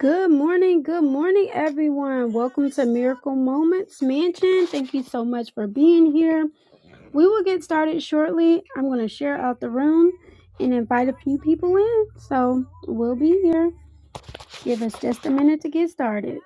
Good morning, good morning, everyone. Welcome to Miracle Moments Mansion. Thank you so much for being here. We will get started shortly. I'm going to share out the room and invite a few people in. So we'll be here. Give us just a minute to get started.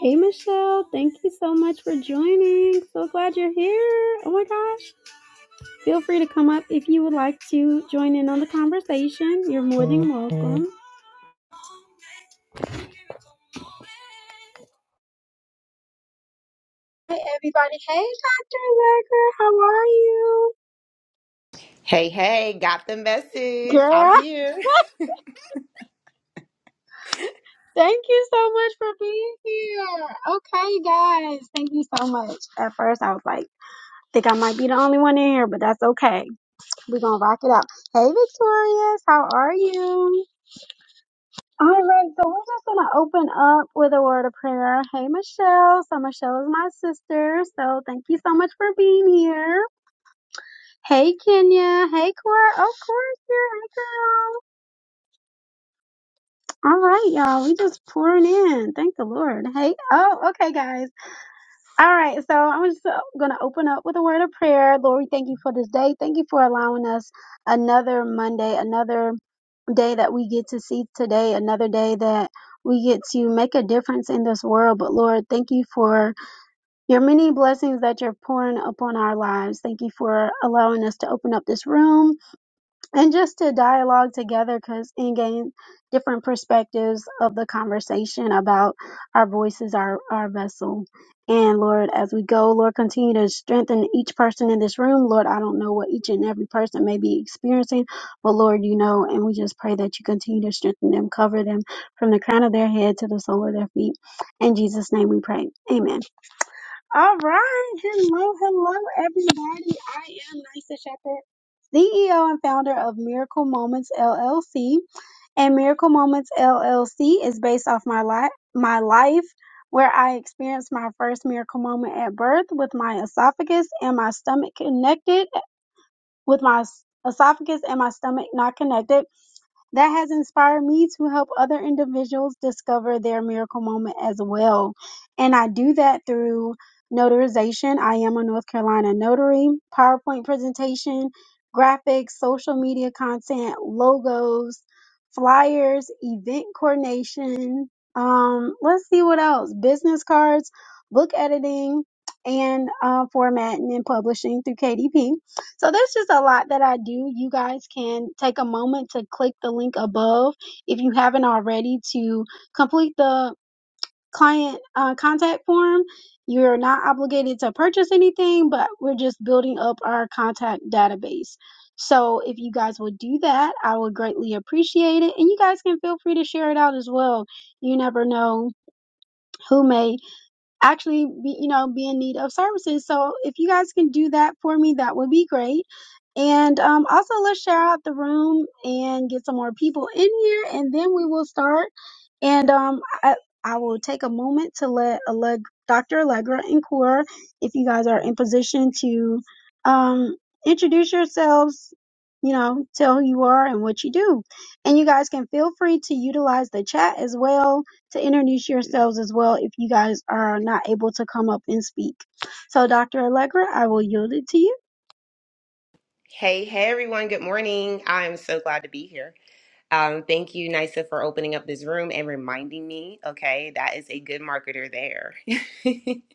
Hey, Michelle. Thank you so much for joining. So glad you're here. Oh my gosh. Feel free to come up if you would like to join in on the conversation. You're more than welcome. Hi everybody. Hey Dr. Becker, how are you? Hey, hey, got the message. I'm Girl, here. thank you so much for being here. Okay, guys, thank you so much. At first I was like, think I might be the only one in here, but that's okay. We're gonna rock it out. Hey Victorious, how are you? All right, so we're just gonna open up with a word of prayer. Hey Michelle, so Michelle is my sister, so thank you so much for being here. Hey Kenya, hey Cora, of course you're here, Hey girl. All right, y'all. We just pouring in. Thank the Lord. Hey, oh, okay, guys. All right. So I'm just uh, gonna open up with a word of prayer. Lord, we thank you for this day. Thank you for allowing us another Monday, another day that we get to see today, another day that we get to make a difference in this world. But Lord, thank you for your many blessings that you're pouring upon our lives. Thank you for allowing us to open up this room and just to dialogue together because and gain different perspectives of the conversation about our voices our our vessel and lord as we go lord continue to strengthen each person in this room lord i don't know what each and every person may be experiencing but lord you know and we just pray that you continue to strengthen them cover them from the crown of their head to the sole of their feet in jesus name we pray amen all right. Hello, hello, everybody. I am Nysa Shepherd, CEO and founder of Miracle Moments LLC. And Miracle Moments LLC is based off my life, my life where I experienced my first miracle moment at birth with my esophagus and my stomach connected, with my s- esophagus and my stomach not connected. That has inspired me to help other individuals discover their miracle moment as well. And I do that through notarization. I am a North Carolina notary, PowerPoint presentation, graphics, social media content, logos, flyers, event coordination. Um, let's see what else. Business cards, book editing, and uh, formatting and publishing through KDP so that's just a lot that I do. You guys can take a moment to click the link above if you haven't already to complete the client uh, contact form. You're not obligated to purchase anything, but we're just building up our contact database. So if you guys would do that, I would greatly appreciate it. And you guys can feel free to share it out as well. You never know who may actually be you know be in need of services so if you guys can do that for me that would be great and um, also let's share out the room and get some more people in here and then we will start and um, I, I will take a moment to let Alleg- dr allegra and core if you guys are in position to um, introduce yourselves you know tell who you are and what you do and you guys can feel free to utilize the chat as well to introduce yourselves as well if you guys are not able to come up and speak. So, Dr. Allegra, I will yield it to you. Hey, hey, everyone. Good morning. I'm so glad to be here. Um, thank you, Nisa, for opening up this room and reminding me, okay, that is a good marketer there.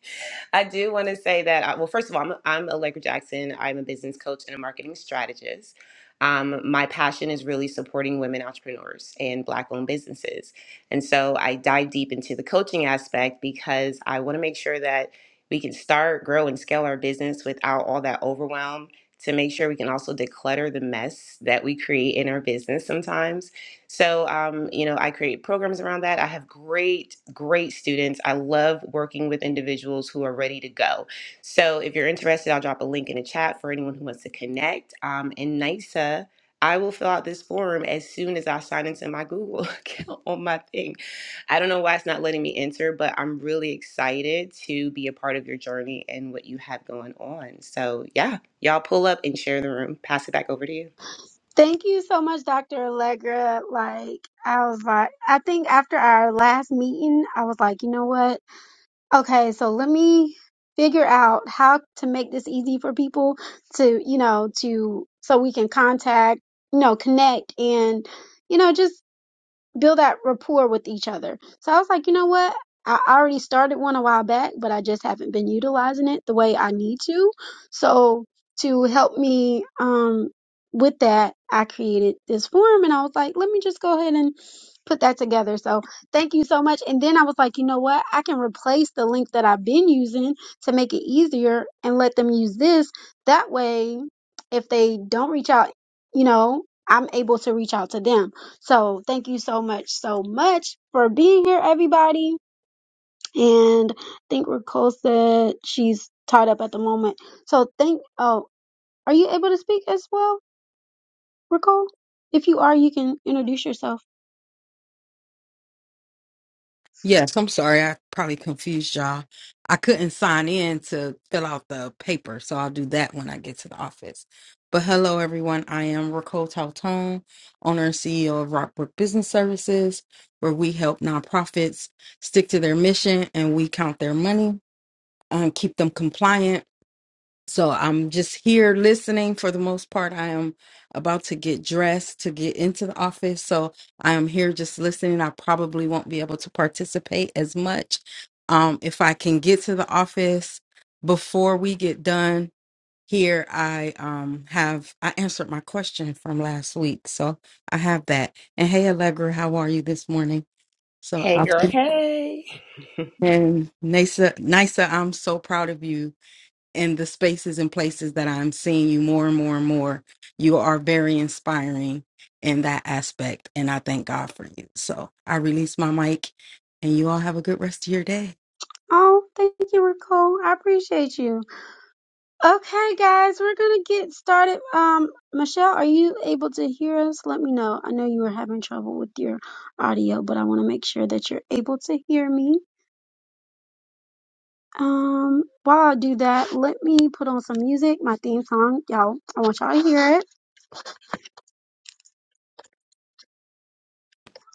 I do want to say that, uh, well, first of all, I'm, I'm Allegra Jackson. I'm a business coach and a marketing strategist. Um, my passion is really supporting women entrepreneurs and Black owned businesses. And so I dive deep into the coaching aspect because I want to make sure that we can start, grow, and scale our business without all that overwhelm to make sure we can also declutter the mess that we create in our business sometimes so, um, you know, I create programs around that. I have great, great students. I love working with individuals who are ready to go. So, if you're interested, I'll drop a link in the chat for anyone who wants to connect. Um, and NYSA, I will fill out this form as soon as I sign into my Google account on my thing. I don't know why it's not letting me enter, but I'm really excited to be a part of your journey and what you have going on. So, yeah, y'all pull up and share the room. Pass it back over to you. Thank you so much, Dr. Allegra. Like, I was like, I think after our last meeting, I was like, you know what? Okay, so let me figure out how to make this easy for people to, you know, to, so we can contact, you know, connect and, you know, just build that rapport with each other. So I was like, you know what? I already started one a while back, but I just haven't been utilizing it the way I need to. So to help me um with that, I created this form and I was like, let me just go ahead and put that together. So thank you so much. And then I was like, you know what? I can replace the link that I've been using to make it easier and let them use this. That way, if they don't reach out, you know, I'm able to reach out to them. So thank you so much, so much for being here, everybody. And I think Ricole said she's tied up at the moment. So thank. Oh, are you able to speak as well, Ricole? If you are, you can introduce yourself. Yes, I'm sorry. I probably confused y'all. I couldn't sign in to fill out the paper, so I'll do that when I get to the office. But hello, everyone. I am Raquel Tautone, owner and CEO of Rockbrook Business Services, where we help nonprofits stick to their mission and we count their money and keep them compliant so I'm just here listening for the most part. I am about to get dressed to get into the office. So I am here just listening. I probably won't be able to participate as much. Um, if I can get to the office before we get done here, I um have I answered my question from last week. So I have that. And hey Allegra, how are you this morning? So Hey I'll girl. Hey. and Nisa Nisa, I'm so proud of you in the spaces and places that I'm seeing you more and more and more, you are very inspiring in that aspect. And I thank God for you. So I release my mic and you all have a good rest of your day. Oh, thank you, Ricole. I appreciate you. Okay, guys, we're gonna get started. Um, Michelle, are you able to hear us? Let me know. I know you were having trouble with your audio, but I want to make sure that you're able to hear me. Um, while I do that, let me put on some music, my theme song. Y'all, I want y'all to hear it.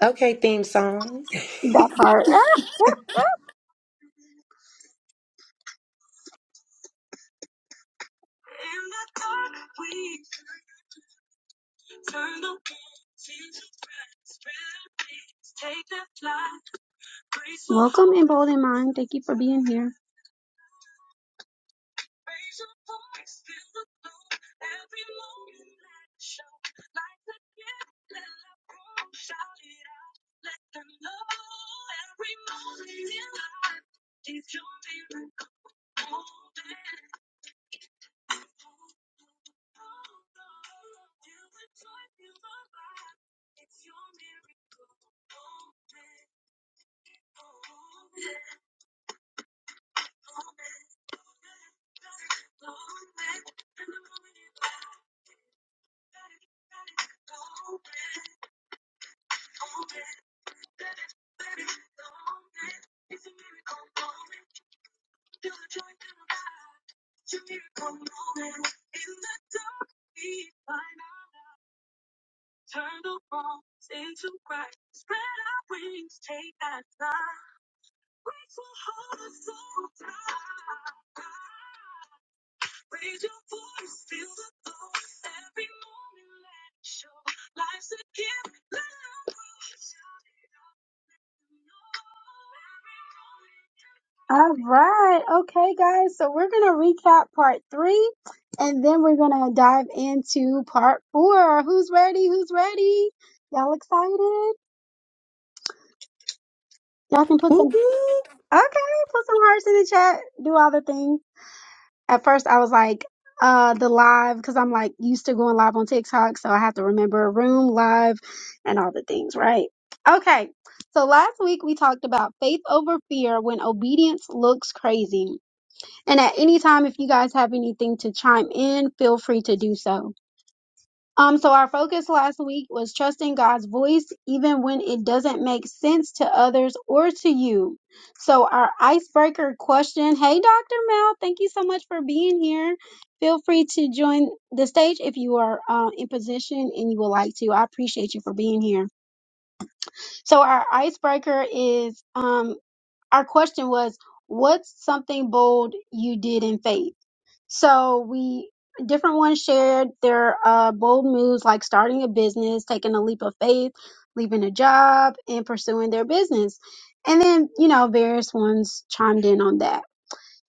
Okay, theme song. That part. Welcome in Bold in Mind. Thank you for being here. All right. Okay, guys. So we're going to recap part three and then we're going to dive into part four. Who's ready? Who's ready? Y'all excited? Y'all can put some, Whoop, whoop. okay, put some hearts in the chat. Do all the things. at first I was like, uh, the live, because I'm like used to going live on TikTok, so I have to remember room, live, and all the things, right? Okay. So last week we talked about faith over fear when obedience looks crazy. And at any time, if you guys have anything to chime in, feel free to do so. Um, so our focus last week was trusting God's voice even when it doesn't make sense to others or to you. So our icebreaker question, hey Dr. Mel, thank you so much for being here. Feel free to join the stage if you are uh, in position and you would like to. I appreciate you for being here. So our icebreaker is um, our question was, what's something bold you did in faith? So we different ones shared their uh, bold moves like starting a business, taking a leap of faith, leaving a job, and pursuing their business. And then, you know, various ones chimed in on that.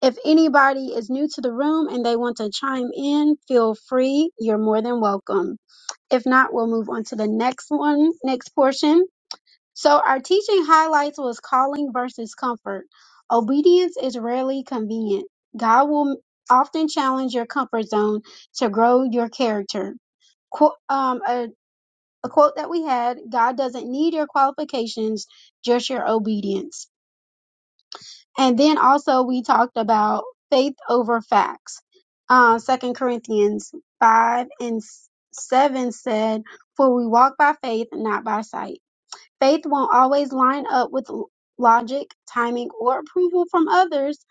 If anybody is new to the room and they want to chime in, feel free. You're more than welcome. If not, we'll move on to the next one, next portion. So our teaching highlights was calling versus comfort. Obedience is rarely convenient. God will often challenge your comfort zone to grow your character. Qu- um, a, a quote that we had, God doesn't need your qualifications, just your obedience. And then also we talked about faith over facts. Uh, 2 Corinthians 5 and s- 7 said, for we walk by faith, not by sight. Faith won't always line up with l- logic, timing, or approval from others.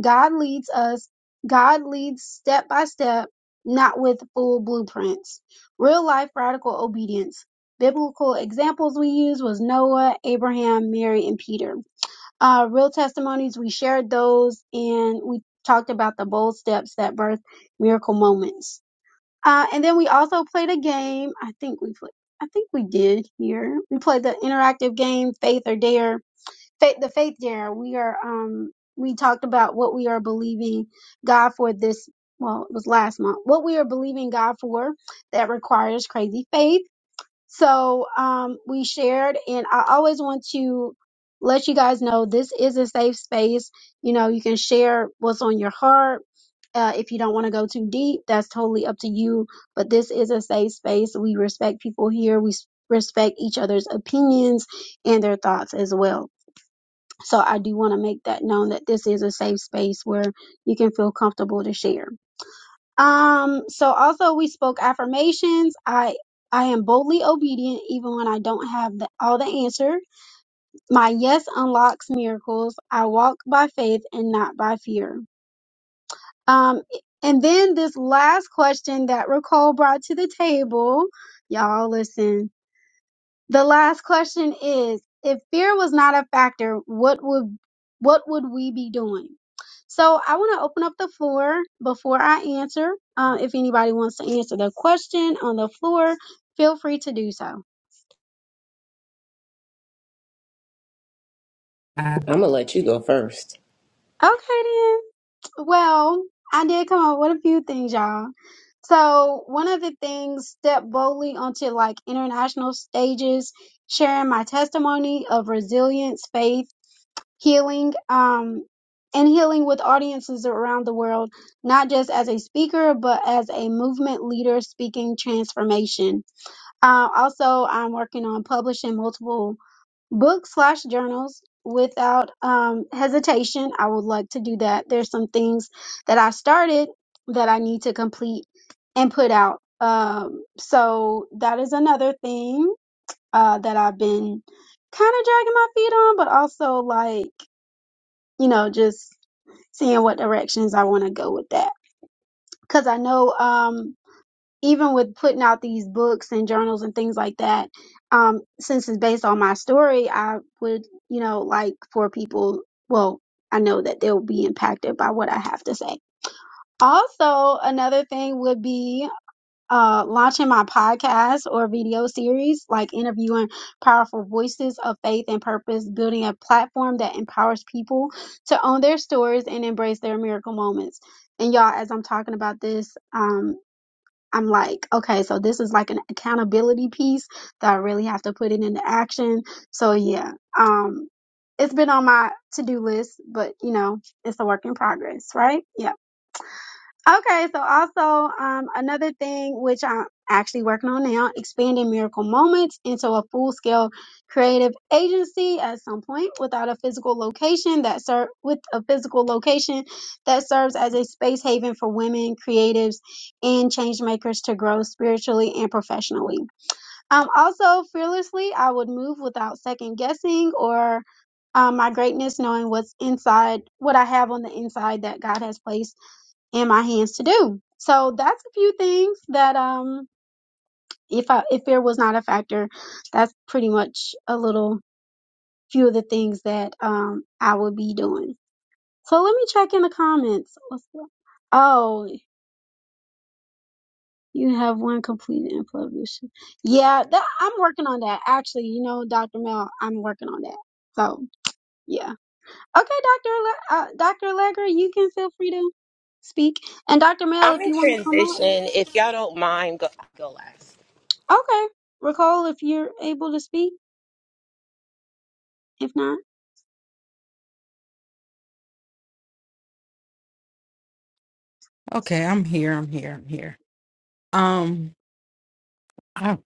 God leads us, God leads step by step, not with full blueprints. Real life radical obedience. Biblical examples we used was Noah, Abraham, Mary, and Peter. Uh, real testimonies, we shared those and we talked about the bold steps that birth miracle moments uh, and then we also played a game. I think we played. I think we did here. We played the interactive game Faith or Dare. Faith, the Faith Dare. We are. Um, we talked about what we are believing God for this. Well, it was last month. What we are believing God for that requires crazy faith so um, we shared, and I always want to let you guys know this is a safe space. You know, you can share what's on your heart. Uh, if you don't want to go too deep, that's totally up to you. But this is a safe space. We respect people here. We s- respect each other's opinions and their thoughts as well. So I do want to make that known that this is a safe space where you can feel comfortable to share. Um, so also we spoke affirmations. I I am boldly obedient even when I don't have the, all the answer. My yes unlocks miracles. I walk by faith and not by fear. Um, and then this last question that Ricole brought to the table, y'all listen the last question is if fear was not a factor, what would what would we be doing? So I want to open up the floor before I answer. Uh, if anybody wants to answer the question on the floor, feel free to do so. I'm gonna let you go first. Okay then. Well, I did come up with a few things, y'all. So one of the things, step boldly onto like international stages, sharing my testimony of resilience, faith healing um and healing with audiences around the world not just as a speaker but as a movement leader speaking transformation uh, also i'm working on publishing multiple books slash journals without um, hesitation i would like to do that there's some things that i started that i need to complete and put out um, so that is another thing uh, that i've been kind of dragging my feet on but also like you know, just seeing what directions I want to go with that. Because I know, um, even with putting out these books and journals and things like that, um, since it's based on my story, I would, you know, like for people, well, I know that they'll be impacted by what I have to say. Also, another thing would be uh, launching my podcast or video series, like interviewing powerful voices of faith and purpose, building a platform that empowers people to own their stories and embrace their miracle moments. And y'all, as I'm talking about this, um, I'm like, okay, so this is like an accountability piece that I really have to put it into action. So yeah, um, it's been on my to-do list, but you know, it's a work in progress, right? Yeah. Okay, so also um, another thing which I'm actually working on now, expanding Miracle Moments into a full-scale creative agency at some point without a physical location that serve with a physical location that serves as a space haven for women creatives and change makers to grow spiritually and professionally. Um, also, fearlessly, I would move without second guessing or um, my greatness, knowing what's inside, what I have on the inside that God has placed in my hands to do. So that's a few things that um if I if fear was not a factor, that's pretty much a little few of the things that um I would be doing. So let me check in the comments. What's the- Oh, you have one completed and published. Yeah, that, I'm working on that. Actually, you know, Dr. Mel, I'm working on that. So yeah. Okay, Dr. Le- uh, Dr. Legger, you can feel free to speak. And Dr. Mel, I'm if in you want to come up. transition. If y'all don't mind, go, go last. Okay. Recall if you're able to speak. If not, Okay, I'm here. I'm here. I'm here. Um, I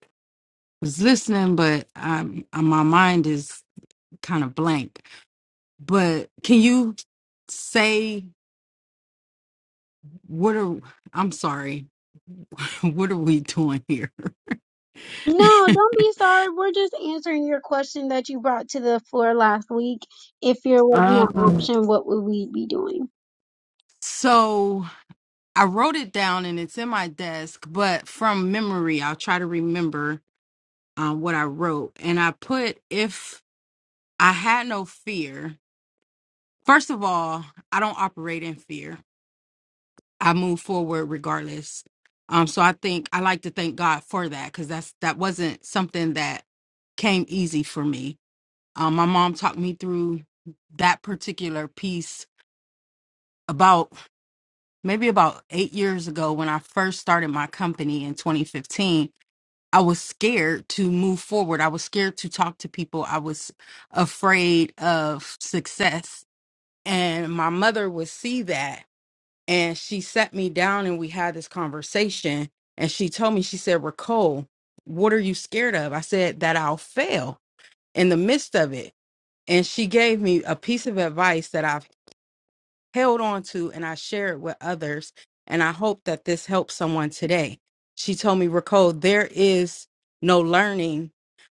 was listening, but I'm, uh, my mind is kind of blank. But can you say what are I'm sorry, what are we doing here? no, don't be sorry. We're just answering your question that you brought to the floor last week. If you're with an um, option, what would we be doing? so I wrote it down and it's in my desk, but from memory, I'll try to remember um, what I wrote. And I put, if I had no fear, first of all, I don't operate in fear. I move forward regardless. Um, so I think I like to thank God for that because that's that wasn't something that came easy for me. Um, my mom talked me through that particular piece about maybe about eight years ago when I first started my company in 2015 I was scared to move forward. I was scared to talk to people. I was afraid of success. And my mother would see that. And she sat me down and we had this conversation. And she told me, she said, Ricole, what are you scared of? I said, that I'll fail in the midst of it. And she gave me a piece of advice that I held on to and I share it with others. And I hope that this helps someone today. She told me, Ricole, there is no learning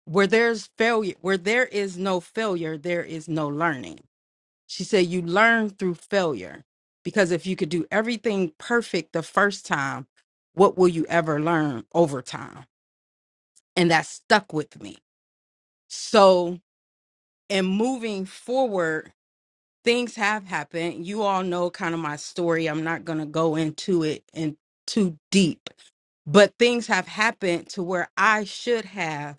where there's failure, where there is no failure, there is no learning. She said, You learn through failure because if you could do everything perfect the first time, what will you ever learn over time? And that stuck with me. So, in moving forward, things have happened. You all know kind of my story. I'm not going to go into it in too deep, but things have happened to where I should have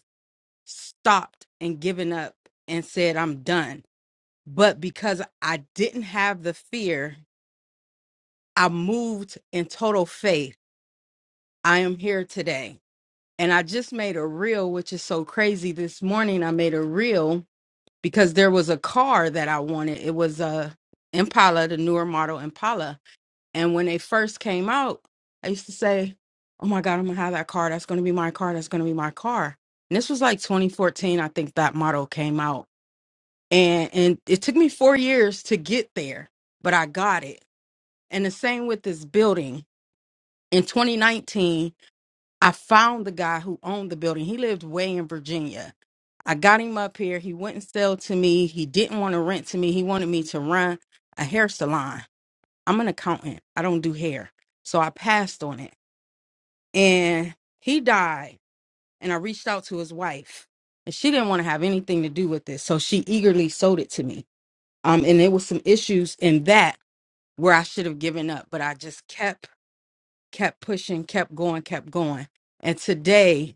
stopped and given up and said, I'm done. But because I didn't have the fear, I moved in total faith. I am here today. And I just made a reel, which is so crazy. This morning, I made a reel because there was a car that I wanted. It was a Impala, the newer model Impala And when they first came out, I used to say, Oh my God, I'm gonna have that car. That's gonna be my car. That's gonna be my car. And this was like 2014, I think that model came out. And and it took me four years to get there, but I got it. And the same with this building. In 2019, I found the guy who owned the building. He lived way in Virginia. I got him up here. He wouldn't sell to me. He didn't want to rent to me. He wanted me to run a hair salon I'm an accountant. I don't do hair. So I passed on it. And he died. And I reached out to his wife. And she didn't want to have anything to do with this. So she eagerly sold it to me. Um, and there was some issues in that where I should have given up, but I just kept, kept pushing, kept going, kept going. And today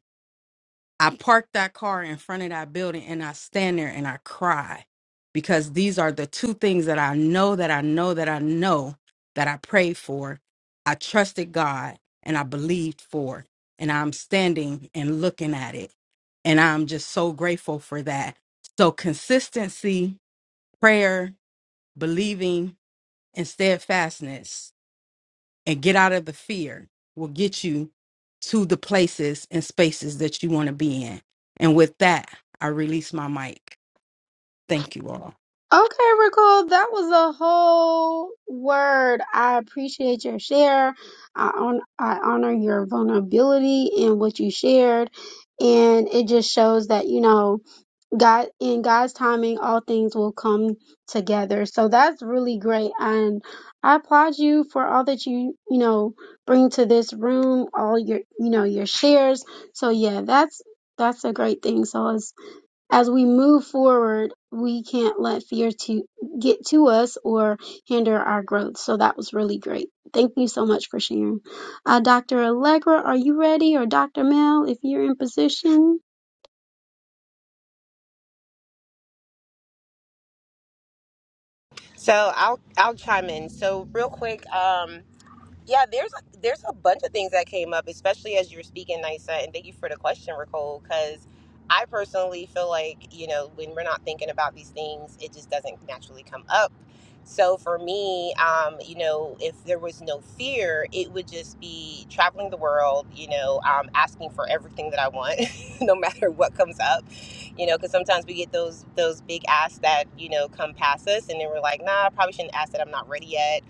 I park that car in front of that building and I stand there and I cry because these are the two things that I know that I know that I know that I prayed for. I trusted God and I believed for. And I'm standing and looking at it. And I'm just so grateful for that. So, consistency, prayer, believing, and steadfastness and get out of the fear will get you to the places and spaces that you want to be in. And with that, I release my mic. Thank you all. Okay, Recall, that was a whole word. I appreciate your share. I, on, I honor your vulnerability and what you shared. And it just shows that, you know, God in God's timing, all things will come together. So that's really great, and I applaud you for all that you you know bring to this room, all your you know your shares. So yeah, that's that's a great thing. So as as we move forward, we can't let fear to get to us or hinder our growth. So that was really great. Thank you so much for sharing, uh, Dr. Allegra. Are you ready, or Dr. Mel, if you're in position? So I'll I'll chime in. So real quick, um, Yeah, there's a, there's a bunch of things that came up, especially as you were speaking, Nisa, and thank you for the question, Nicole, because I personally feel like, you know, when we're not thinking about these things, it just doesn't naturally come up. So for me, um, you know, if there was no fear, it would just be traveling the world, you know, um, asking for everything that I want, no matter what comes up, you know, because sometimes we get those those big asks that, you know, come past us and then we're like, nah, I probably shouldn't ask that. I'm not ready yet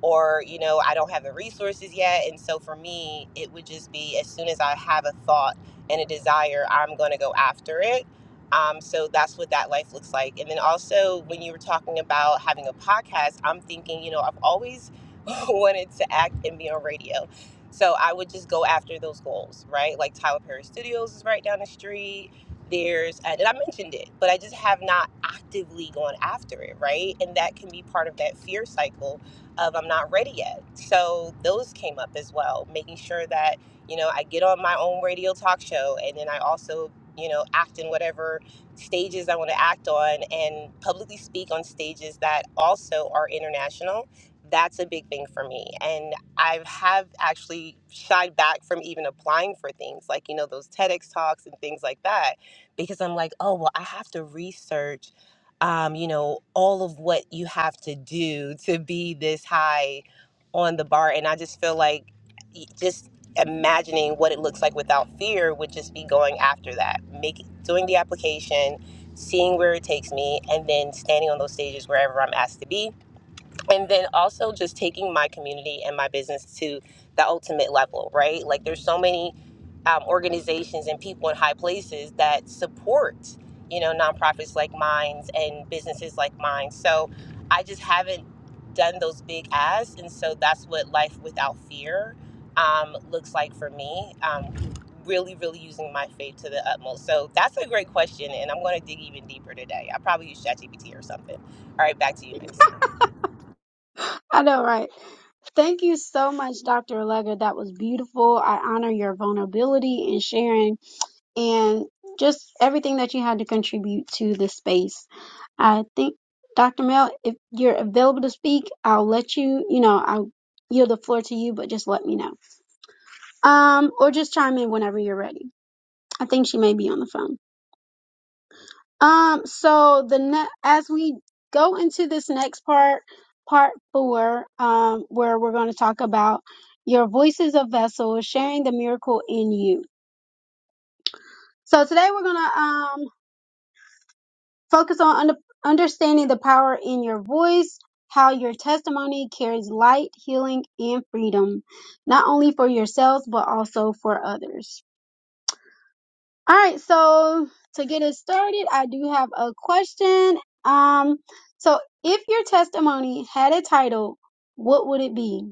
or you know i don't have the resources yet and so for me it would just be as soon as i have a thought and a desire i'm going to go after it um, so that's what that life looks like and then also when you were talking about having a podcast i'm thinking you know i've always wanted to act and be on radio so i would just go after those goals right like tyler perry studios is right down the street there's and i mentioned it but i just have not actively gone after it right and that can be part of that fear cycle of I'm not ready yet. So those came up as well, making sure that, you know, I get on my own radio talk show and then I also, you know, act in whatever stages I want to act on and publicly speak on stages that also are international. That's a big thing for me. And I have actually shied back from even applying for things like, you know, those TEDx talks and things like that because I'm like, oh, well, I have to research um, you know, all of what you have to do to be this high on the bar. And I just feel like y- just imagining what it looks like without fear would just be going after that, making doing the application, seeing where it takes me, and then standing on those stages wherever I'm asked to be. And then also just taking my community and my business to the ultimate level, right? Like there's so many um, organizations and people in high places that support, you know, nonprofits like mine and businesses like mine. So I just haven't done those big ads, and so that's what life without fear um, looks like for me. Um, really, really using my faith to the utmost. So that's a great question, and I'm going to dig even deeper today. I probably use ChatGPT or something. All right, back to you, Nice. I know, right? Thank you so much, Dr. Allegra. That was beautiful. I honor your vulnerability and sharing and just everything that you had to contribute to the space. I think, Dr. Mel, if you're available to speak, I'll let you, you know, I'll yield the floor to you, but just let me know. Um, or just chime in whenever you're ready. I think she may be on the phone. Um, so the ne- as we go into this next part, part four, um, where we're going to talk about your voice is a vessel, sharing the miracle in you. So today we're going to um focus on under- understanding the power in your voice, how your testimony carries light, healing, and freedom, not only for yourselves but also for others. All right, so to get us started, I do have a question. Um, so if your testimony had a title, what would it be?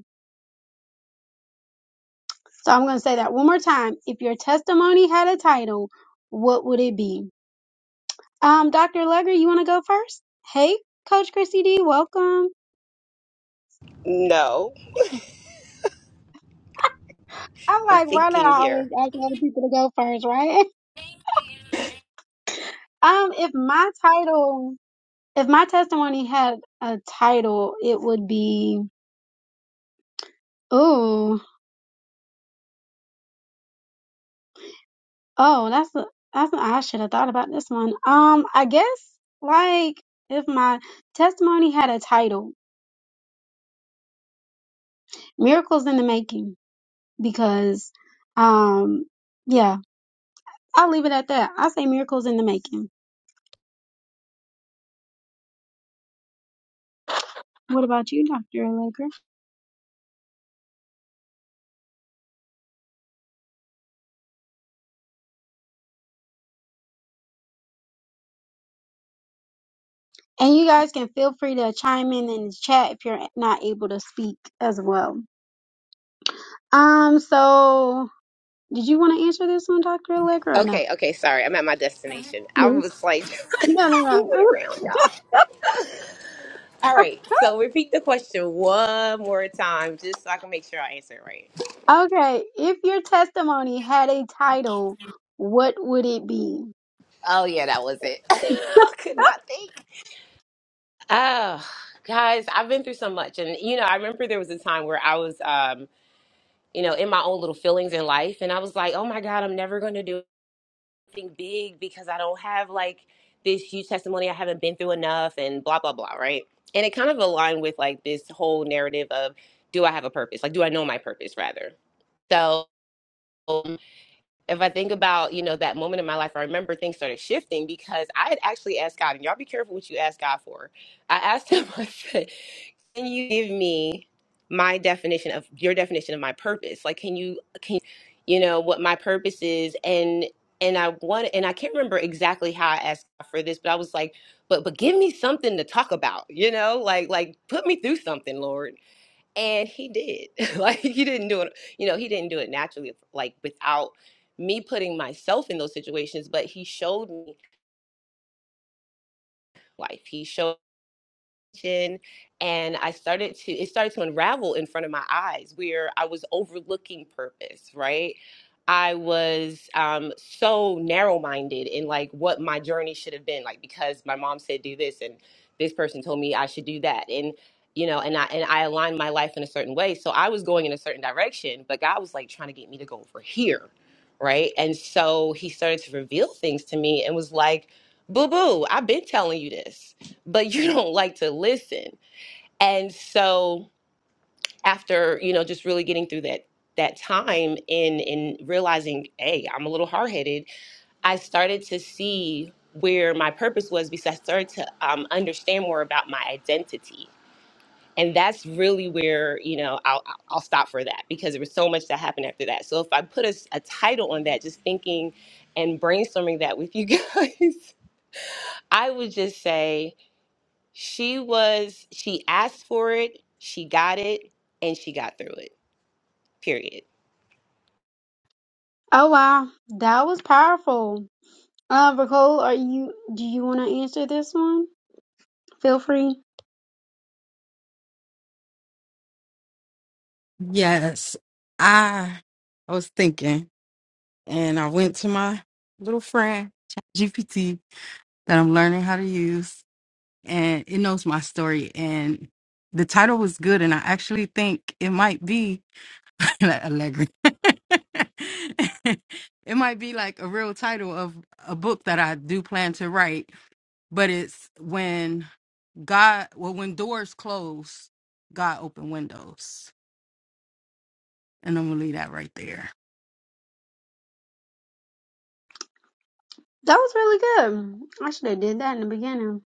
So I'm going to say that one more time. If your testimony had a title, what would it be? Um, Dr. Legger, you want to go first? Hey, Coach Chrissy D, welcome. No, I'm I'm like, why do thinking I here. always ask other people to go first, right? Um, if my title, if my testimony had a title, it would be, ooh. Oh, that's a, that's a, I should have thought about this one. Um, I guess like if my testimony had a title, miracles in the making, because um, yeah, I'll leave it at that. I say miracles in the making. What about you, Dr. Allegra? And you guys can feel free to chime in in the chat if you're not able to speak as well. Um, so did you want to answer this one, Dr. Allegra, or no? Okay, okay, sorry. I'm at my destination. I No, was like no, moving no. around, y'all. no. All right, so repeat the question one more time just so I can make sure I answer it right. Okay, if your testimony had a title, what would it be? Oh, yeah, that was it. I could not think. Oh, guys, I've been through so much. And, you know, I remember there was a time where I was, um, you know, in my own little feelings in life. And I was like, oh my God, I'm never going to do something big because I don't have like this huge testimony. I haven't been through enough and blah, blah, blah. Right. And it kind of aligned with like this whole narrative of do I have a purpose? Like, do I know my purpose rather? So um, if I think about, you know, that moment in my life, I remember things started shifting because I had actually asked God, and y'all be careful what you ask God for. I asked him, I said, can you give me my definition of your definition of my purpose like can you can you know what my purpose is and and i want and i can't remember exactly how i asked for this but i was like but but give me something to talk about you know like like put me through something lord and he did like he didn't do it you know he didn't do it naturally like without me putting myself in those situations but he showed me life he showed and I started to it started to unravel in front of my eyes where I was overlooking purpose, right? I was um, so narrow-minded in like what my journey should have been, like because my mom said do this and this person told me I should do that, and you know, and I and I aligned my life in a certain way, so I was going in a certain direction, but God was like trying to get me to go over here, right? And so He started to reveal things to me and was like, "Boo boo, I've been telling you this." but you don't like to listen. And so after, you know, just really getting through that that time and and realizing, hey, I'm a little hard-headed, I started to see where my purpose was because I started to um, understand more about my identity. And that's really where, you know, I'll, I'll I'll stop for that because there was so much that happened after that. So if I put a, s- a title on that, just thinking and brainstorming that with you guys, I would just say She was, she asked for it, she got it, and she got through it, period. Oh wow, that was powerful. Uh, Nicole, are you? Do you want to answer this one? Feel free. Yes, I I was thinking, and I went to my little friend GPT that I'm learning how to use, and it knows my story. And the title was good, and I actually think it might be. Allegri. it might be like a real title of a book that I do plan to write, but it's when God, well, when doors close, God open windows. And I'm going to leave that right there. That was really good. I should have did that in the beginning.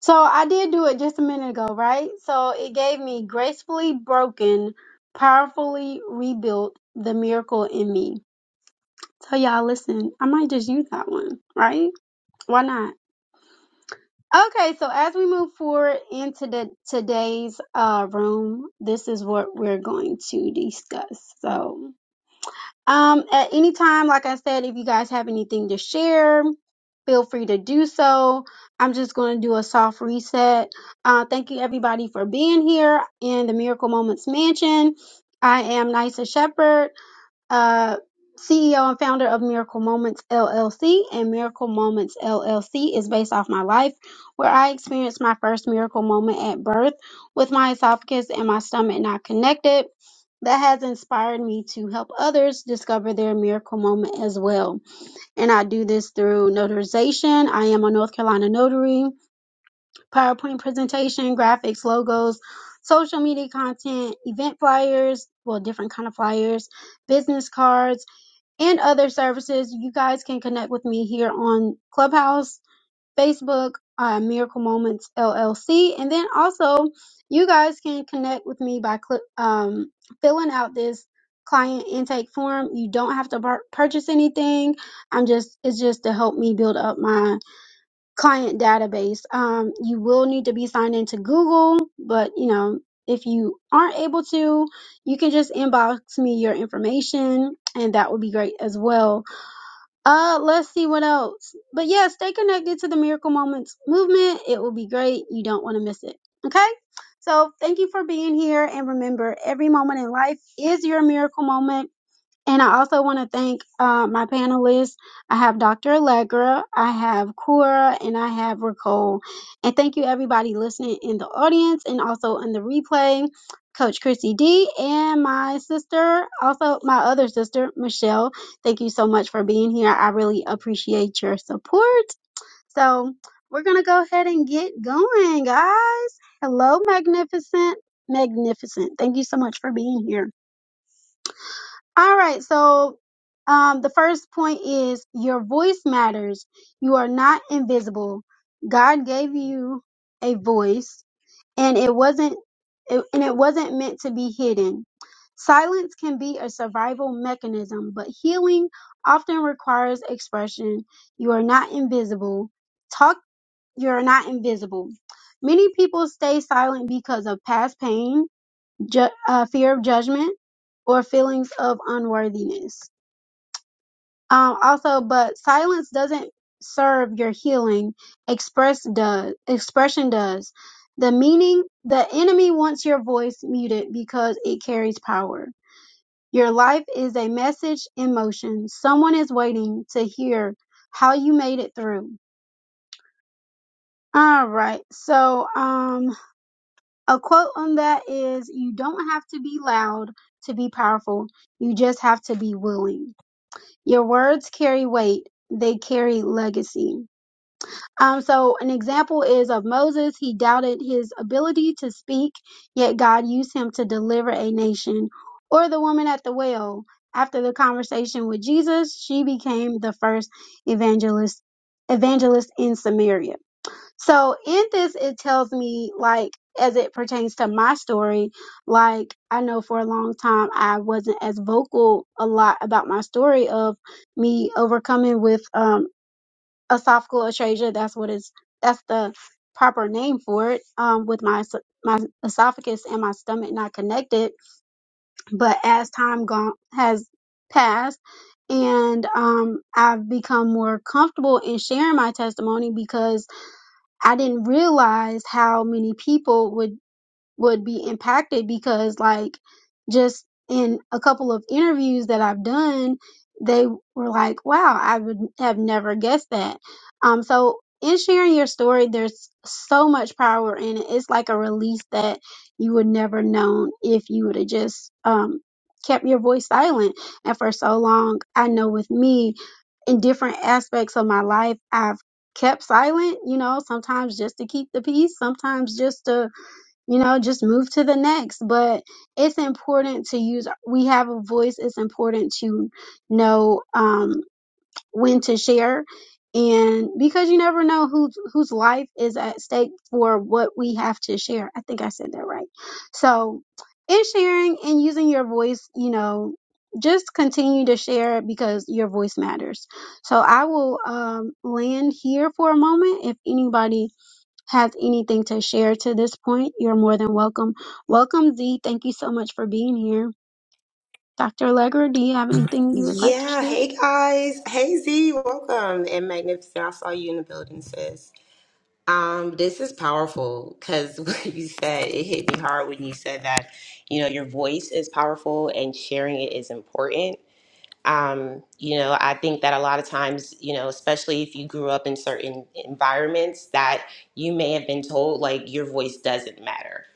So I did do it just a minute ago, right? So it gave me gracefully broken, powerfully rebuilt the miracle in me. So y'all listen, I might just use that one, right? Why not? Okay, so as we move forward into the today's uh room, this is what we're going to discuss. So, um at any time, like I said, if you guys have anything to share, feel free to do so. I'm just going to do a soft reset. Uh thank you everybody for being here in the Miracle Moments Mansion. I am Nisa Shepherd uh, CEO and founder of Miracle Moments LLC, and Miracle Moments LLC is based off my life, where I experienced my first miracle moment at birth with my esophagus and my stomach not connected. That has inspired me to help others discover their miracle moment as well. And I do this through notarization. I am a North Carolina notary, PowerPoint presentation, graphics, logos, social media content, event flyers, well, different kind of flyers, business cards and other services. You guys can connect with me here on Clubhouse, Facebook, uh, Miracle Moments LLC, and then also you guys can connect with me by cl- um, filling out this client intake form. You don't have to pur- purchase anything. I'm just it's just to help me build up my client database. Um, you will need to be signed into Google, but you know if you aren't able to, you can just inbox me your information and that would be great as well uh, let's see what else. But yeah, stay connected to the Miracle Moments movement. It will be great. You don't want to miss it. Okay? So thank you for being here. And remember, every moment in life is your miracle moment. And I also want to thank uh, my panelists. I have Dr. Allegra, I have Cora, and I have Ricole. And thank you, everybody listening in the audience and also in the replay, Coach Chrissy D, and my sister, also my other sister, Michelle. Thank you so much for being here. I really appreciate your support. So we're going to go ahead and get going, guys. Hello, Magnificent. Magnificent. Thank you so much for being here. All right. So, um, the first point is your voice matters. You are not invisible. God gave you a voice, and it wasn't, it, and it wasn't meant to be hidden. Silence can be a survival mechanism, but healing often requires expression. You are not invisible. Talk. You are not invisible. Many people stay silent because of past pain, ju- uh, fear of judgment or feelings of unworthiness. Um, also, but silence doesn't serve your healing. Express does. Expression does. The meaning, the enemy wants your voice muted because it carries power. Your life is a message in motion. Someone is waiting to hear how you made it through. All right. So, um, A quote on that is You don't have to be loud to be powerful, you just have to be willing. Your words carry weight, they carry legacy. Um, so, an example is of Moses. He doubted his ability to speak, yet God used him to deliver a nation. Or the woman at the well. After the conversation with Jesus, she became the first evangelist evangelist in Samaria. So in this, it tells me like as it pertains to my story, like I know for a long time I wasn't as vocal a lot about my story of me overcoming with um esophageal atresia. That's what is that's the proper name for it. Um, with my es- my esophagus and my stomach not connected, but as time gone has passed and um I've become more comfortable in sharing my testimony because I didn't realize how many people would would be impacted because like just in a couple of interviews that I've done, they were like, wow, I would have never guessed that. Um, so in sharing your story, there's so much power in it. It's like a release that you would never known if you would have just, um, kept your voice silent. And for so long, I know with me in different aspects of my life, I've kept silent, you know, sometimes just to keep the peace, sometimes just to you know, just move to the next. But it's important to use, we have a voice. It's important to know um, when to share. And because you never know who whose life is at stake for what we have to share. I think I said that right. So, in sharing and using your voice, you know, just continue to share it because your voice matters. So, I will um, land here for a moment. If anybody have anything to share to this point, you're more than welcome. Welcome, Z. Thank you so much for being here. Dr. Legger, do you have anything you would like to Yeah, share? hey guys. Hey Z, welcome. And Magnificent, I saw you in the building, sis. Um, this is powerful because what you said, it hit me hard when you said that, you know, your voice is powerful and sharing it is important. Um, you know, I think that a lot of times, you know, especially if you grew up in certain environments that you may have been told like your voice doesn't matter.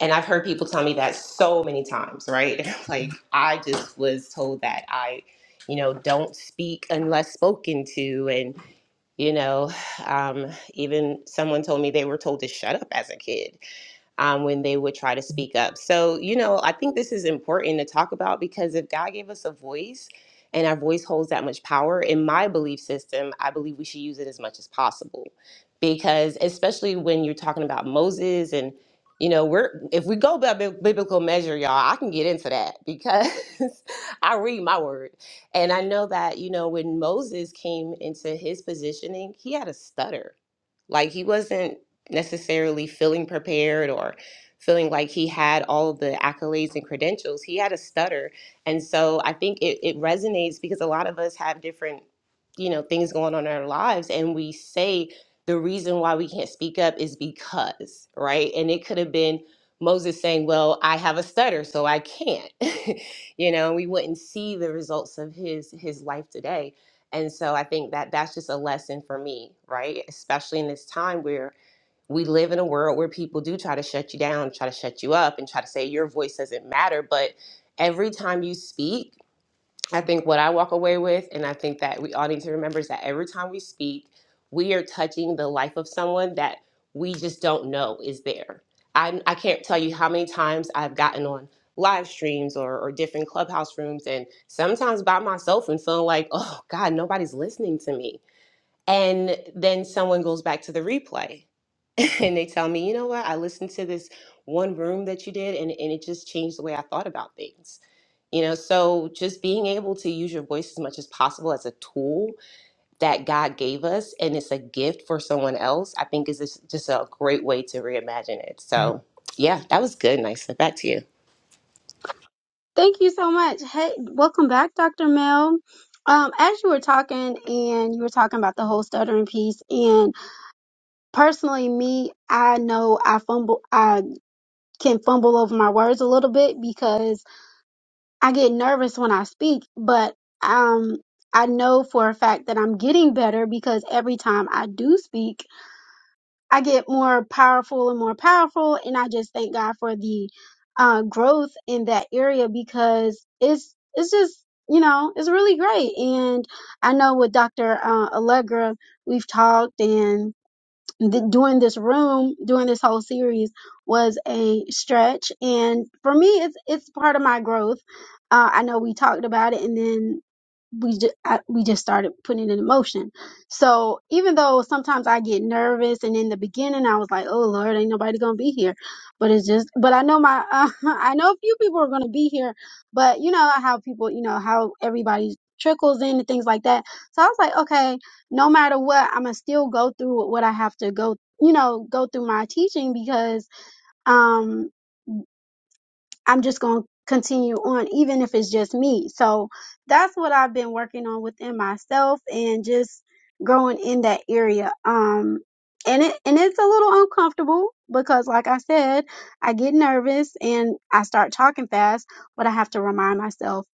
And I've heard people tell me that so many times, right? like I just was told that I, you know, don't speak unless spoken to, and you know, um, even someone told me they were told to shut up as a kid um, when they would try to speak up. So, you know, I think this is important to talk about because if God gave us a voice and our voice holds that much power, in my belief system, I believe we should use it as much as possible. Because especially when you're talking about Moses and you know, we're if we go by bi- biblical measure, y'all, I can get into that because I read my word. And I know that, you know, when Moses came into his positioning, he had a stutter like he wasn't necessarily feeling prepared or feeling like he had all of the accolades and credentials. He had a stutter. And so I think it, it resonates because a lot of us have different, you know, things going on in our lives and we say the reason why we can't speak up is because, right? And it could have been Moses saying, Well, I have a stutter, so I can't. you know, we wouldn't see the results of his his life today and so I think that that's just a lesson for me, right? Especially in this time where we live in a world where people do try to shut you down, try to shut you up, and try to say your voice doesn't matter. But every time you speak, I think what I walk away with, and I think that we all need to remember, is that every time we speak, we are touching the life of someone that we just don't know is there. I, I can't tell you how many times I've gotten on live streams or, or different clubhouse rooms, and sometimes by myself and feeling like, oh God, nobody's listening to me. And then someone goes back to the replay and they tell me, you know what, I listened to this one room that you did, and, and it just changed the way I thought about things you know, so just being able to use your voice as much as possible as a tool that God gave us and it's a gift for someone else, I think is just just a great way to reimagine it. So, yeah, that was good, Nysa. Back to you. Thank you so much. Hey, welcome back, Dr. Mel. Um, as you were talking and you were talking about the whole stuttering piece and personally me, I know I fumble, I can fumble over my words a little bit because I get nervous when I speak, but, um, I know for a fact that I'm getting better because every time I do speak, I get more powerful and more powerful. And I just thank God for the uh, growth in that area because it's, it's just, you know, it's really great. And I know with Dr. Uh, Allegra, we've talked and th- doing this room, doing this whole series was a stretch. And for me, it's, it's part of my growth. Uh, I know we talked about it and then we just I, we just started putting it in motion. So even though sometimes I get nervous, and in the beginning I was like, "Oh Lord, ain't nobody gonna be here," but it's just, but I know my uh, I know a few people are gonna be here, but you know how people, you know how everybody trickles in and things like that. So I was like, okay, no matter what, I'm gonna still go through what I have to go, you know, go through my teaching because um, I'm just going to continue on, even if it's just me. So that's what I've been working on within myself and just growing in that area. Um, and it, and it's a little uncomfortable because like I said, I get nervous and I start talking fast, but I have to remind myself,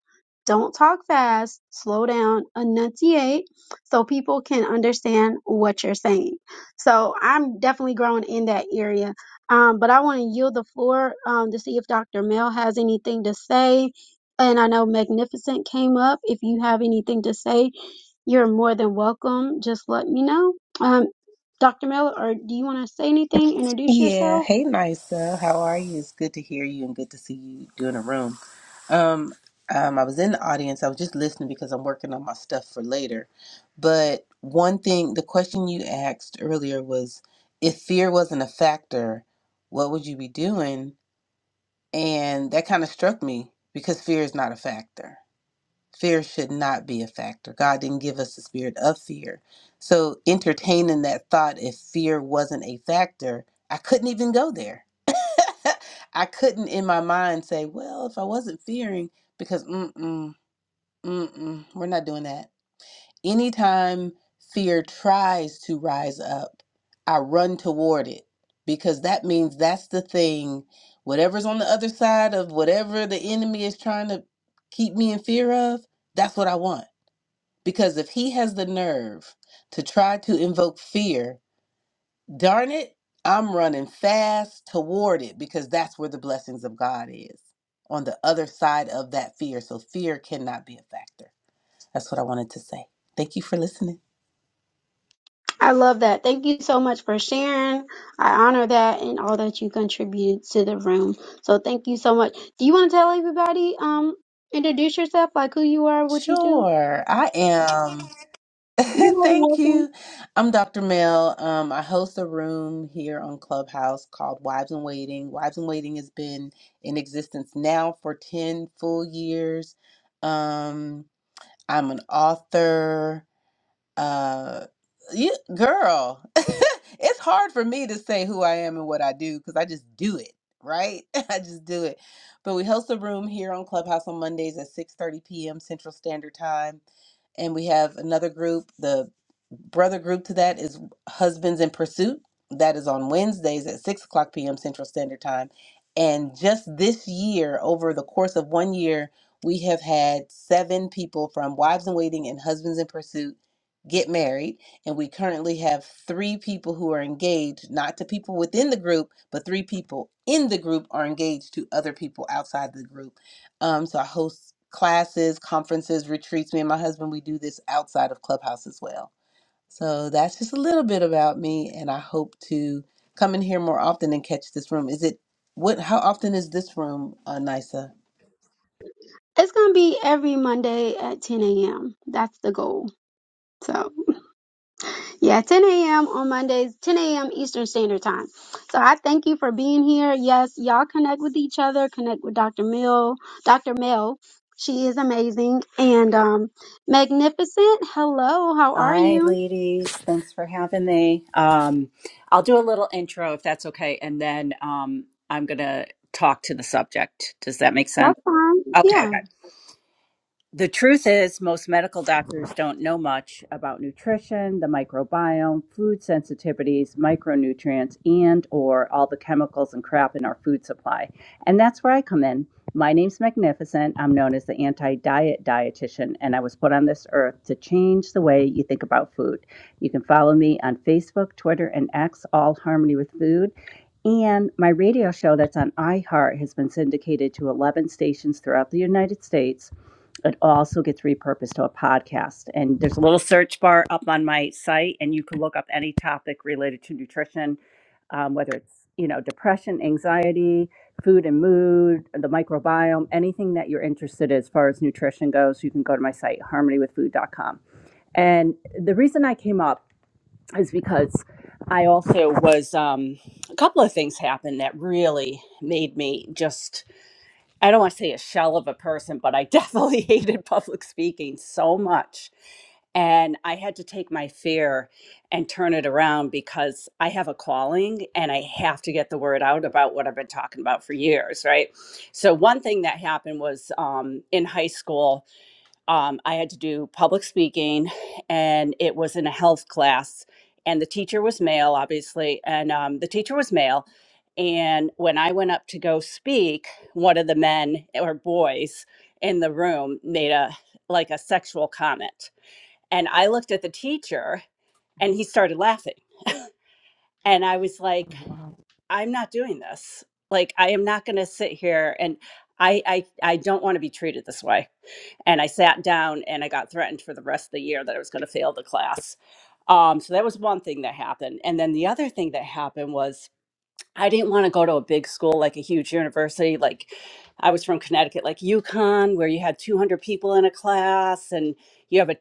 don't talk fast, slow down, enunciate so people can understand what you're saying. So I'm definitely growing in that area um, but I want to yield the floor um, to see if Dr. Mel has anything to say. And I know Magnificent came up. If you have anything to say, you're more than welcome. Just let me know. Um, Dr. Mel, or do you want to say anything? Introduce Yeah, yourself. hey Nisa, how are you? It's good to hear you and good to see you doing a room. Um, um, I was in the audience. I was just listening because I'm working on my stuff for later. But one thing, the question you asked earlier was, if fear wasn't a factor, what would you be doing? And that kind of struck me because fear is not a factor. Fear should not be a factor. God didn't give us the spirit of fear. So entertaining that thought, if fear wasn't a factor, I couldn't even go there I couldn't in my mind say, well, if I wasn't fearing, because mm-mm, mm-mm, we're not doing that. Anytime fear tries to rise up, I run toward it because that means that's the thing. Whatever's on the other side of whatever the enemy is trying to keep me in fear of, that's what I want. Because if he has the nerve to try to invoke fear Darn it, I'm running fast toward it because that's where the blessings of God is on the other side of that fear. So fear cannot be a factor. That's what I wanted to say. Thank you for listening. I love that. Thank you so much for sharing. I honor that and all that you contributed to the room. So thank you so much. Do you want to tell everybody, um, introduce yourself, like who you are, what you do? Sure, I am. You're more than Thank welcome. you. I'm Dr. Mel. Um, I host a room here on Clubhouse called Wives in Waiting. Wives in Waiting has been in existence now for 10 full years. Um, I'm an author. uh you girl it's hard for me to say who i am and what i do because i just do it right i just do it but we host a room here on clubhouse on mondays at 6 30 p.m central standard time and we have another group the brother group to that is husbands in pursuit that is on wednesdays at 6 o'clock p.m central standard time and just this year over the course of one year we have had seven people from wives in waiting and husbands in pursuit get married and we currently have three people who are engaged not to people within the group but three people in the group are engaged to other people outside the group um, so I host classes, conferences, retreats. Me and my husband, we do this outside of Clubhouse as well. So that's just a little bit about me, and I hope to come in here more often and catch this room. Is it what? How often is this room, uh, Nisa? It's gonna be every Monday at 10 a.m. That's the goal. So yeah, 10 a.m. on Mondays, 10 a.m. Eastern Standard Time. So I thank you for being here. Yes, y'all connect with each other, connect with Dr. Mill, Dr. Mel. She is amazing and um magnificent. Hello, how are Hi, you? ladies. Thanks for having me. Um, I'll do a little intro if that's okay, and then um, I'm going to talk to the subject. Does that make sense? That's fine. Okay. Okay Yeah. the truth is, most medical doctors don't know much about nutrition, the microbiome, food sensitivities, micronutrients, and or all the chemicals and crap in our food supply. And that's where I come in. My name's Magnificent. I'm known as the anti-diet dietitian, and I was put on this earth to change the way you think about food. You can follow me on Facebook, Twitter, and X, all Harmony with Food. And my radio show that's on iHeart has been syndicated to 11 stations throughout the United States it also gets repurposed to a podcast. And there's a little search bar up on my site, and you can look up any topic related to nutrition, um, whether it's you know depression, anxiety, food and mood, the microbiome, anything that you're interested in as far as nutrition goes. You can go to my site harmonywithfood.com. And the reason I came up is because I also was um, a couple of things happened that really made me just I don't want to say a shell of a person, but I definitely hated public speaking so much. And I had to take my fear and turn it around because I have a calling and I have to get the word out about what I've been talking about for years, right? So, one thing that happened was um, in high school, um, I had to do public speaking, and it was in a health class. And the teacher was male, obviously, and um, the teacher was male. And when I went up to go speak, one of the men or boys in the room made a like a sexual comment, and I looked at the teacher, and he started laughing. And I was like, "I'm not doing this. Like, I am not going to sit here and I I I don't want to be treated this way." and I sat down and I got threatened for the rest of the year that I was going to fail the class. Um, so that was one thing that happened. And then the other thing that happened was I didn't want to go to a big school like a huge university. Like I was from Connecticut, like UConn, where you had 200 people in a class and you have a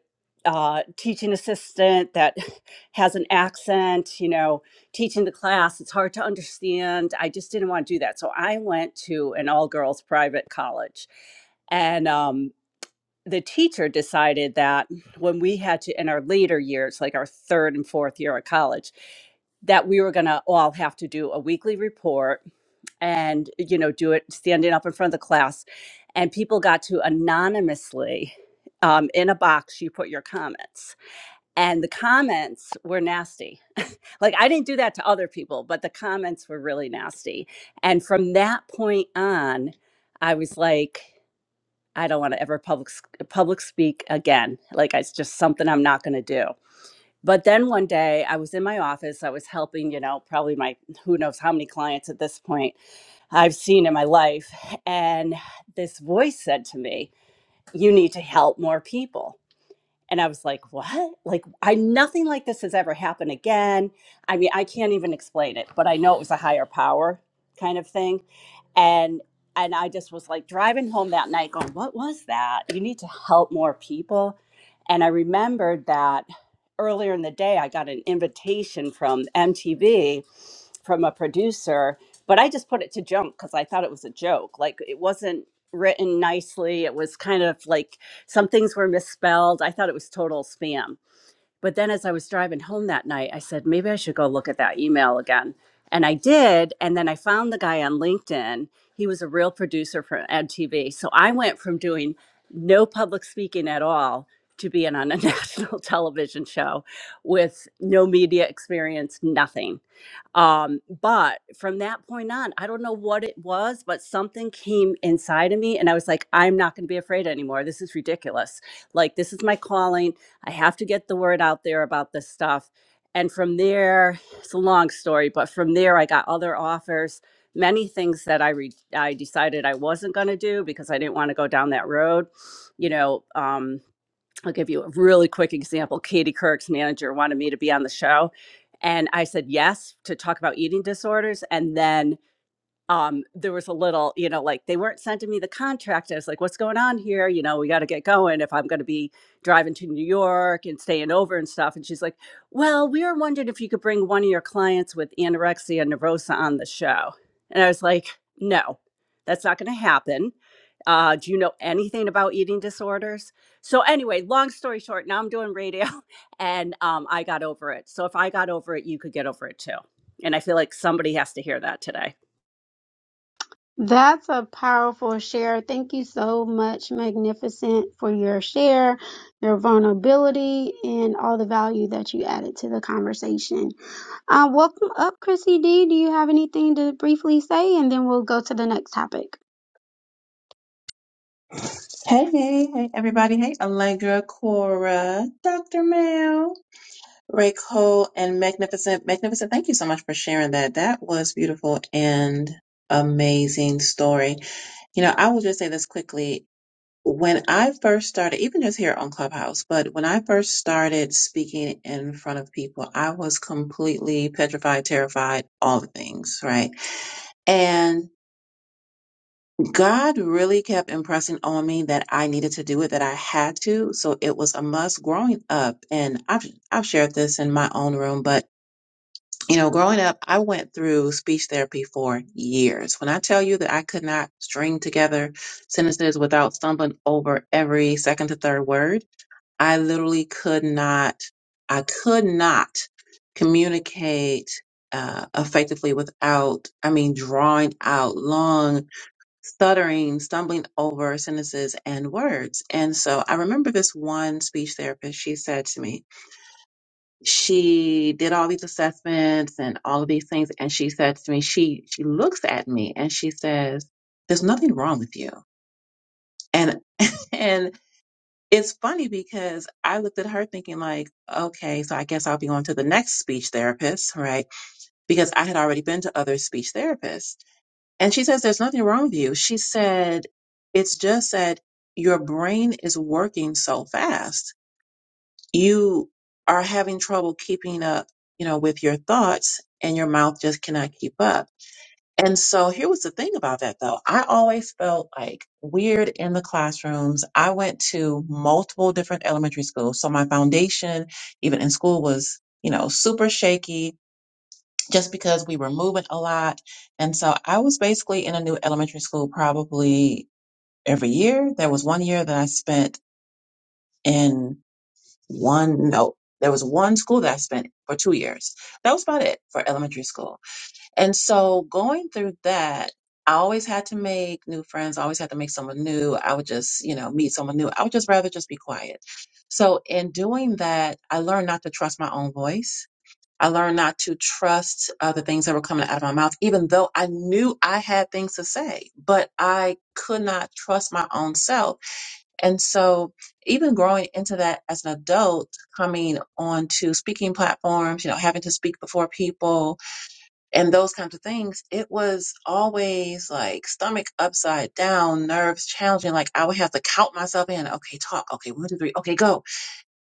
uh, teaching assistant that has an accent, you know, teaching the class. It's hard to understand. I just didn't want to do that. So I went to an all girls private college and um, the teacher decided that when we had to in our later years like our third and fourth year of college that we were going to all have to do a weekly report and you know do it standing up in front of the class and people got to anonymously um, in a box you put your comments and the comments were nasty like i didn't do that to other people but the comments were really nasty and from that point on i was like I don't want to ever public public speak again. Like it's just something I'm not going to do. But then one day I was in my office. I was helping, you know, probably my who knows how many clients at this point I've seen in my life, and this voice said to me, "You need to help more people." And I was like, what? Like, I nothing like this has ever happened again. I mean, I can't even explain it, but I know it was a higher power kind of thing. And and I just was like driving home that night going, what was that? You need to help more people. And I remembered that earlier in the day, I got an invitation from MTV from a producer, but I just put it to junk because I thought it was a joke. Like, it wasn't written nicely. It was kind of like, some things were misspelled. I thought it was total spam. But then as I was driving home that night, I said, maybe I should go look at that email again. And I did. And then I found the guy on LinkedIn. He was a real producer for MTV. So I went from doing no public speaking at all to being on a national television show with no media experience, nothing um, but from that point on, I don't know what it was, but something came inside of me, and I was like, I'm not going to be afraid anymore. This is ridiculous. Like, this is my calling. I have to get the word out there about this stuff. And from there, it's a long story, but from there, I got other offers, many things that I re- I decided I wasn't going to do because I didn't want to go down that road. You know, um, I'll give you a really quick example. Katie Couric's manager wanted me to be on the show. And I said yes to talk about eating disorders. And then um, there was a little, you know, like they weren't sending me the contract. I was like, what's going on here? You know, we got to get going if I'm going to be driving to New York and staying over and stuff. And she's like, well, we were wondering if you could bring one of your clients with anorexia nervosa on the show. And I was like, no, that's not going to happen. Uh, do you know anything about eating disorders? So, anyway, long story short, now I'm doing radio and um, I got over it. So, if I got over it, you could get over it too. And I feel like somebody has to hear that today. That's a powerful share. Thank you so much, Magnificent, for your share, your vulnerability, and all the value that you added to the conversation. Uh, welcome up, Chrissy D. Do you have anything to briefly say? And then we'll go to the next topic. Hey, hey, hey, everybody. Hey, Allegra, Cora, Dr. Mel, Ray Cole, and Magnificent. Magnificent, thank you so much for sharing that. That was beautiful and amazing story. You know, I will just say this quickly. When I first started, even just here on Clubhouse, but when I first started speaking in front of people, I was completely petrified, terrified, all the things, right? God really kept impressing on me that I needed to do it, that I had to. So it was a must growing up. And I've, I've shared this in my own room, but you know, growing up, I went through speech therapy for years. When I tell you that I could not string together sentences without stumbling over every second to third word, I literally could not, I could not communicate uh, effectively without, I mean, drawing out long stuttering, stumbling over sentences and words. And so I remember this one speech therapist, she said to me, she did all these assessments and all of these things. And she said to me, she, she looks at me and she says, there's nothing wrong with you. And, and it's funny because I looked at her thinking like, okay, so I guess I'll be going to the next speech therapist, right? Because I had already been to other speech therapists. And she says there's nothing wrong with you. She said it's just that your brain is working so fast. You are having trouble keeping up, you know, with your thoughts and your mouth just cannot keep up. And so here was the thing about that though. I always felt like weird in the classrooms. I went to multiple different elementary schools. So my foundation, even in school was, you know, super shaky just because we were moving a lot. And so I was basically in a new elementary school probably every year. There was one year that I spent in one, no, there was one school that I spent for two years. That was about it for elementary school. And so going through that, I always had to make new friends. I always had to make someone new. I would just, you know, meet someone new. I would just rather just be quiet. So in doing that, I learned not to trust my own voice I learned not to trust uh, the things that were coming out of my mouth, even though I knew I had things to say, but I could not trust my own self. And so, even growing into that as an adult, coming onto speaking platforms, you know, having to speak before people and those kinds of things, it was always like stomach upside down, nerves challenging. Like I would have to count myself in. Okay, talk. Okay, one, two, three. Okay, go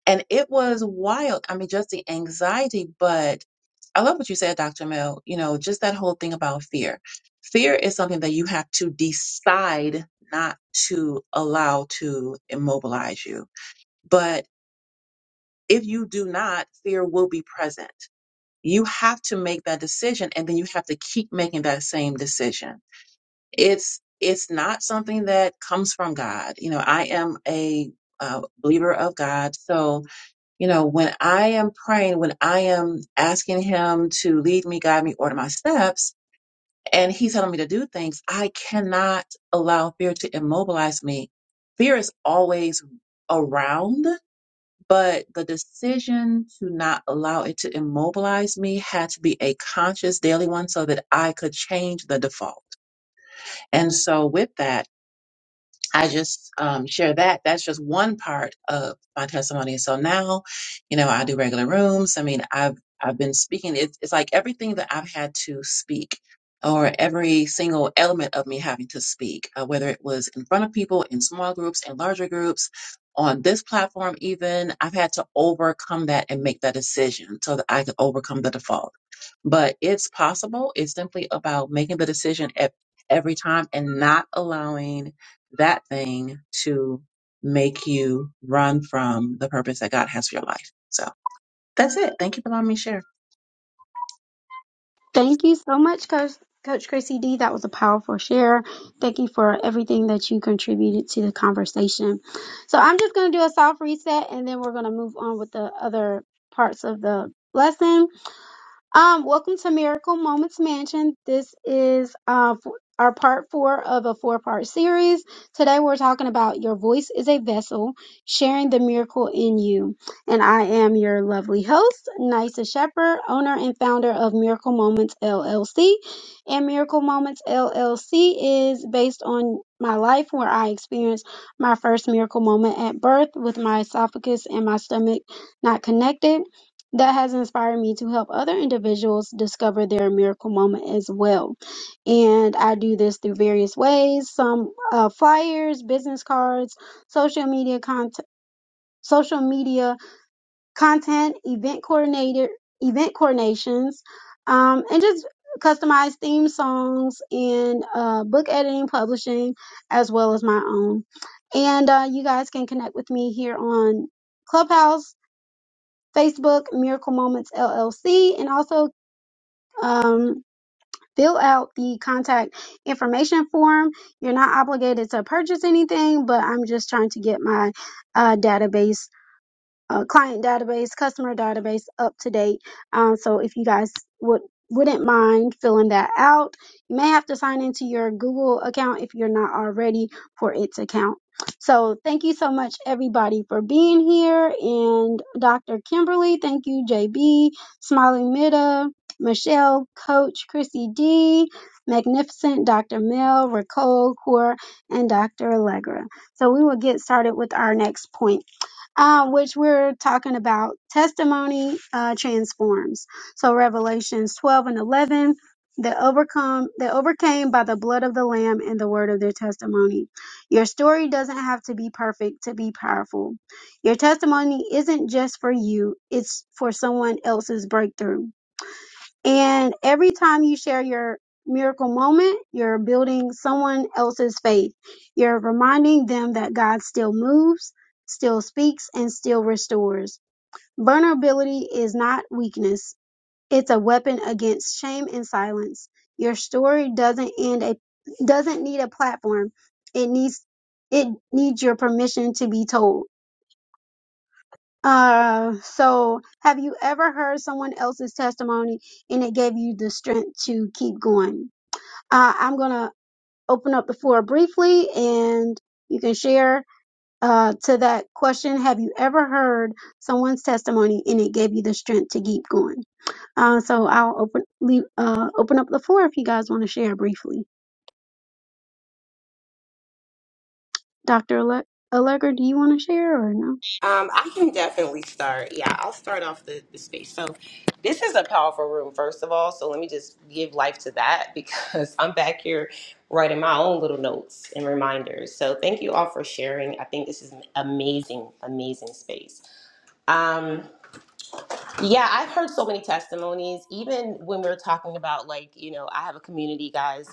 and it was wild. I mean, just the anxiety, but I love what you said, Dr. Mel. You know, just that whole thing about fear. Fear is something that you have to decide not to allow to immobilize you. But if you do not, fear will be present. You have to make that decision and then you have to keep making that same decision. It's it's not something that comes from God. You know, I am a uh, believer of God. So you know, when I am praying, when I am asking Him to lead me, guide me, order my steps, and He's telling me to do things, I cannot allow fear to immobilize me. Fear is always around, but the decision to not allow it to immobilize me had to be a conscious daily one so that I could change the default. And so, with that, I just um, share that. That's just one part of my testimony. So now, you know, I do regular rooms. I mean, I've I've been speaking. It's, it's like everything that I've had to speak, or every single element of me having to speak, uh, whether it was in front of people, in small groups, in larger groups, on this platform, even I've had to overcome that and make that decision so that I could overcome the default. But it's possible. It's simply about making the decision at every time and not allowing that thing to make you run from the purpose that God has for your life. So that's it. Thank you for allowing me to share. Thank you so much, Coach, Coach Chrissy D. That was a powerful share. Thank you for everything that you contributed to the conversation. So I'm just going to do a soft reset and then we're going to move on with the other parts of the lesson. Um, welcome to Miracle Moments Mansion. This is uh, f- our part four of a four part series. Today we're talking about your voice is a vessel, sharing the miracle in you. And I am your lovely host, Nisa Shepherd, owner and founder of Miracle Moments LLC. And Miracle Moments LLC is based on my life where I experienced my first miracle moment at birth with my esophagus and my stomach not connected that has inspired me to help other individuals discover their miracle moment as well. And I do this through various ways, some uh, flyers, business cards, social media content, social media content, event coordinator, event coordinations, um, and just customized theme songs and uh, book editing, publishing, as well as my own. And uh, you guys can connect with me here on Clubhouse Facebook Miracle Moments LLC, and also um, fill out the contact information form. You're not obligated to purchase anything, but I'm just trying to get my uh, database uh, client database, customer database up to date. Um, so if you guys would wouldn't mind filling that out, you may have to sign into your Google account if you're not already for its account. So thank you so much everybody for being here and Dr. Kimberly, thank you JB, Smiling Mida, Michelle, Coach Chrissy D, Magnificent Dr. Mel, Ricole, Core, and Dr. Allegra. So we will get started with our next point uh, which we're talking about testimony uh, transforms. So Revelations 12 and 11, they overcome, they overcame by the blood of the Lamb and the word of their testimony. Your story doesn't have to be perfect to be powerful. Your testimony isn't just for you; it's for someone else's breakthrough. And every time you share your miracle moment, you're building someone else's faith. You're reminding them that God still moves, still speaks, and still restores. Vulnerability is not weakness, it's a weapon against shame and silence. Your story doesn't end a doesn't need a platform. It needs it needs your permission to be told. Uh, so have you ever heard someone else's testimony and it gave you the strength to keep going? Uh, I'm gonna open up the floor briefly and you can share uh, to that question. Have you ever heard someone's testimony and it gave you the strength to keep going? Uh, so I'll open leave, uh, open up the floor if you guys want to share briefly. Dr. Ale- Allegra, do you want to share or no? Um, I can definitely start. Yeah, I'll start off the, the space. So, this is a powerful room, first of all. So, let me just give life to that because I'm back here writing my own little notes and reminders. So, thank you all for sharing. I think this is an amazing, amazing space. Um, Yeah, I've heard so many testimonies, even when we're talking about, like, you know, I have a community, guys,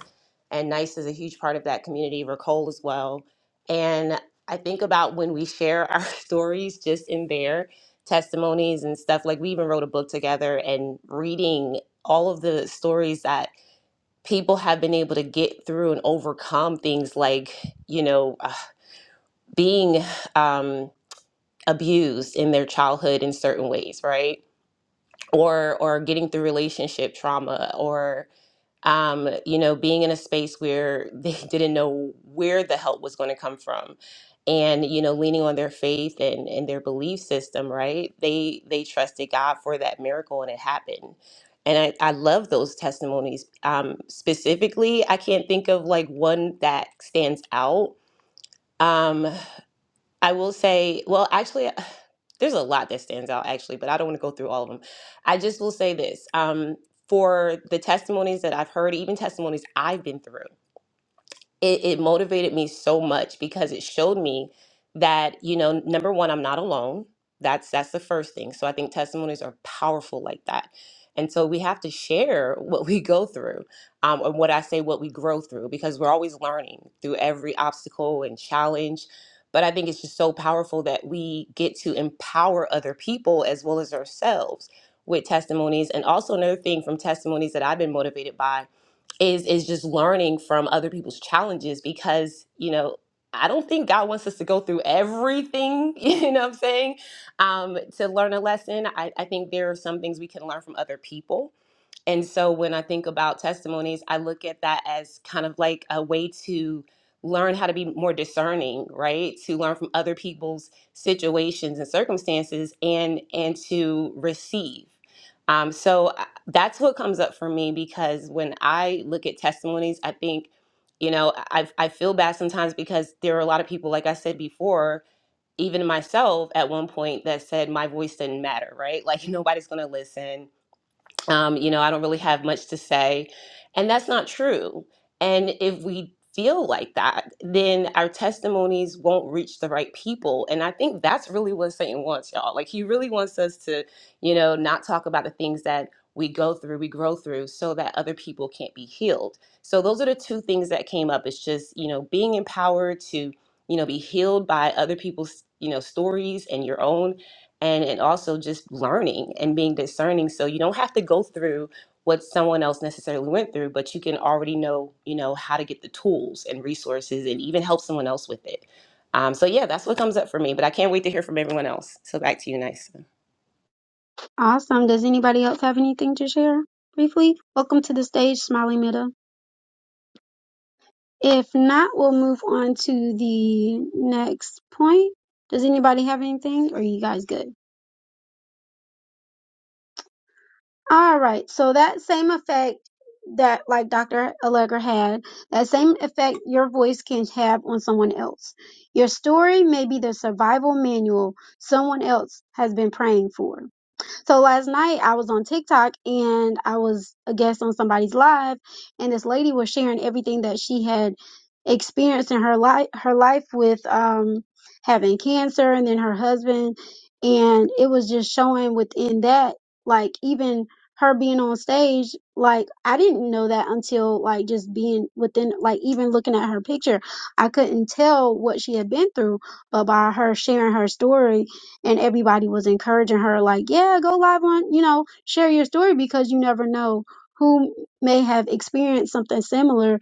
and NICE is a huge part of that community, Ricole as well. And I think about when we share our stories just in their testimonies and stuff. Like, we even wrote a book together and reading all of the stories that people have been able to get through and overcome things like, you know, uh, being um, abused in their childhood in certain ways, right? or or getting through relationship trauma or um, you know being in a space where they didn't know where the help was going to come from and you know leaning on their faith and and their belief system right they they trusted god for that miracle and it happened and i, I love those testimonies um, specifically i can't think of like one that stands out um, I will say, well, actually, there's a lot that stands out, actually, but I don't want to go through all of them. I just will say this um, for the testimonies that I've heard, even testimonies I've been through it, it motivated me so much because it showed me that you know number one i'm not alone that's that's the first thing so i think testimonies are powerful like that and so we have to share what we go through um, and what i say what we grow through because we're always learning through every obstacle and challenge but i think it's just so powerful that we get to empower other people as well as ourselves with testimonies and also another thing from testimonies that i've been motivated by is is just learning from other people's challenges because you know i don't think god wants us to go through everything you know what i'm saying um, to learn a lesson I, I think there are some things we can learn from other people and so when I think about testimonies, I look at that as kind of like a way to learn how to be more discerning, right? To learn from other people's situations and circumstances and and to receive. Um, so I- that's what comes up for me because when I look at testimonies, I think, you know, I, I feel bad sometimes because there are a lot of people, like I said before, even myself at one point that said my voice didn't matter, right? Like nobody's going to listen um, you know, I don't really have much to say. And that's not true. And if we feel like that, then our testimonies won't reach the right people. And I think that's really what Satan wants, y'all. Like, he really wants us to, you know, not talk about the things that we go through, we grow through, so that other people can't be healed. So, those are the two things that came up. It's just, you know, being empowered to, you know, be healed by other people's, you know, stories and your own and and also just learning and being discerning so you don't have to go through what someone else necessarily went through but you can already know you know how to get the tools and resources and even help someone else with it um, so yeah that's what comes up for me but i can't wait to hear from everyone else so back to you nice Awesome. Does anybody else have anything to share briefly? Welcome to the stage, Smiley Mida. If not, we'll move on to the next point. Does anybody have anything? Or are you guys good? All right. So that same effect that like Dr. Allegra had, that same effect your voice can have on someone else. Your story may be the survival manual someone else has been praying for. So last night I was on TikTok and I was a guest on somebody's live and this lady was sharing everything that she had experienced in her life her life with um having cancer and then her husband and it was just showing within that like even her being on stage like I didn't know that until like just being within like even looking at her picture I couldn't tell what she had been through but by her sharing her story and everybody was encouraging her like yeah go live on you know share your story because you never know who may have experienced something similar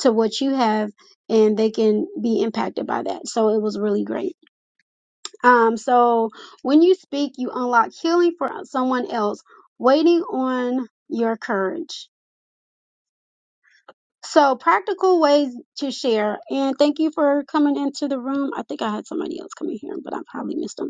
to what you have and they can be impacted by that so it was really great um so when you speak you unlock healing for someone else waiting on your courage so practical ways to share and thank you for coming into the room i think i had somebody else come in here but i probably missed them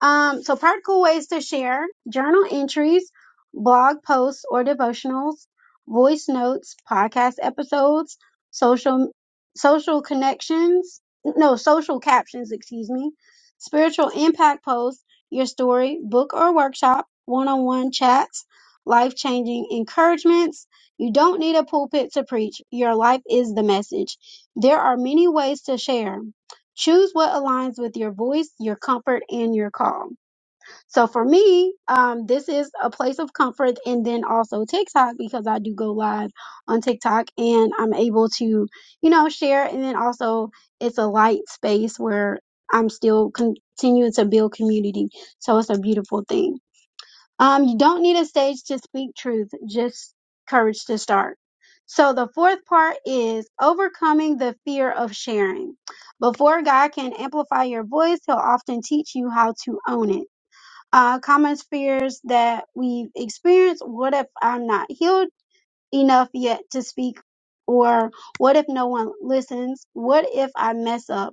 Um, so practical ways to share journal entries, blog posts or devotionals, voice notes, podcast episodes, social, social connections, no, social captions, excuse me, spiritual impact posts, your story, book or workshop, one-on-one chats, life-changing encouragements. You don't need a pulpit to preach. Your life is the message. There are many ways to share choose what aligns with your voice, your comfort, and your call. So for me, um, this is a place of comfort and then also TikTok because I do go live on TikTok and I'm able to, you know, share. And then also it's a light space where I'm still continuing to build community. So it's a beautiful thing. Um, you don't need a stage to speak truth, just courage to start. So the fourth part is overcoming the fear of sharing. Before God can amplify your voice, He'll often teach you how to own it. Uh, common fears that we've experienced what if I'm not healed enough yet to speak? Or what if no one listens? What if I mess up?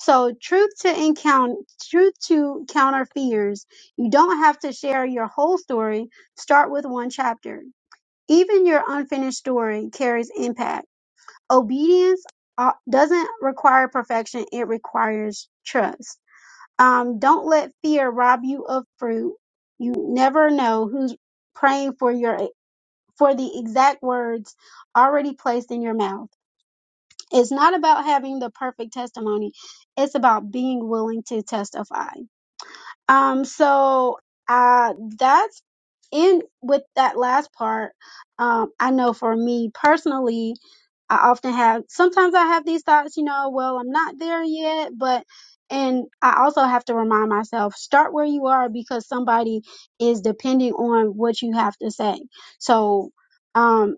So truth to encounter truth to counter fears. You don't have to share your whole story. Start with one chapter. Even your unfinished story carries impact. Obedience uh, doesn't require perfection. It requires trust. Um, don't let fear rob you of fruit. You never know who's praying for your for the exact words already placed in your mouth. It's not about having the perfect testimony. It's about being willing to testify. Um, so uh, that's in with that last part. Um, I know for me personally, I often have, sometimes I have these thoughts, you know, well, I'm not there yet, but, and I also have to remind myself, start where you are because somebody is depending on what you have to say. So, um,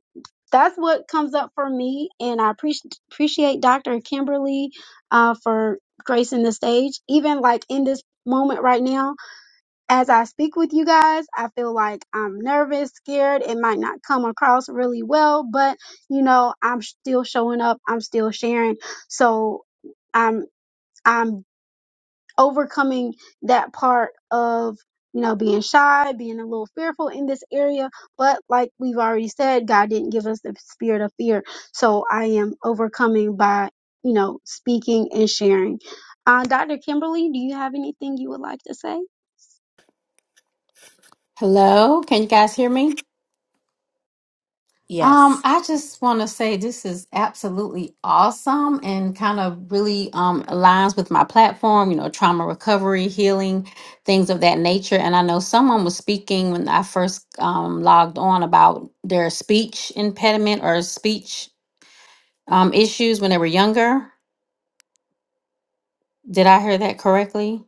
that's what comes up for me. And I appreci appreciate Dr. Kimberly uh, for gracing the stage. Even like in this moment right now, as I speak with you guys, I feel like I'm nervous, scared. It might not come across really well, but you know, I'm still showing up. I'm still sharing. So I'm. I'm overcoming that part of you know being shy being a little fearful in this area but like we've already said god didn't give us the spirit of fear so i am overcoming by you know speaking and sharing uh, dr kimberly do you have anything you would like to say Hello, can you guys hear me? yes Um, I just want to say this is absolutely awesome and kind of really um, aligns with my platform, you know, trauma recovery, healing, things of that nature. And I know someone was speaking when I first um, logged on about their speech impediment or speech um, issues when they were younger. Did I hear that correctly?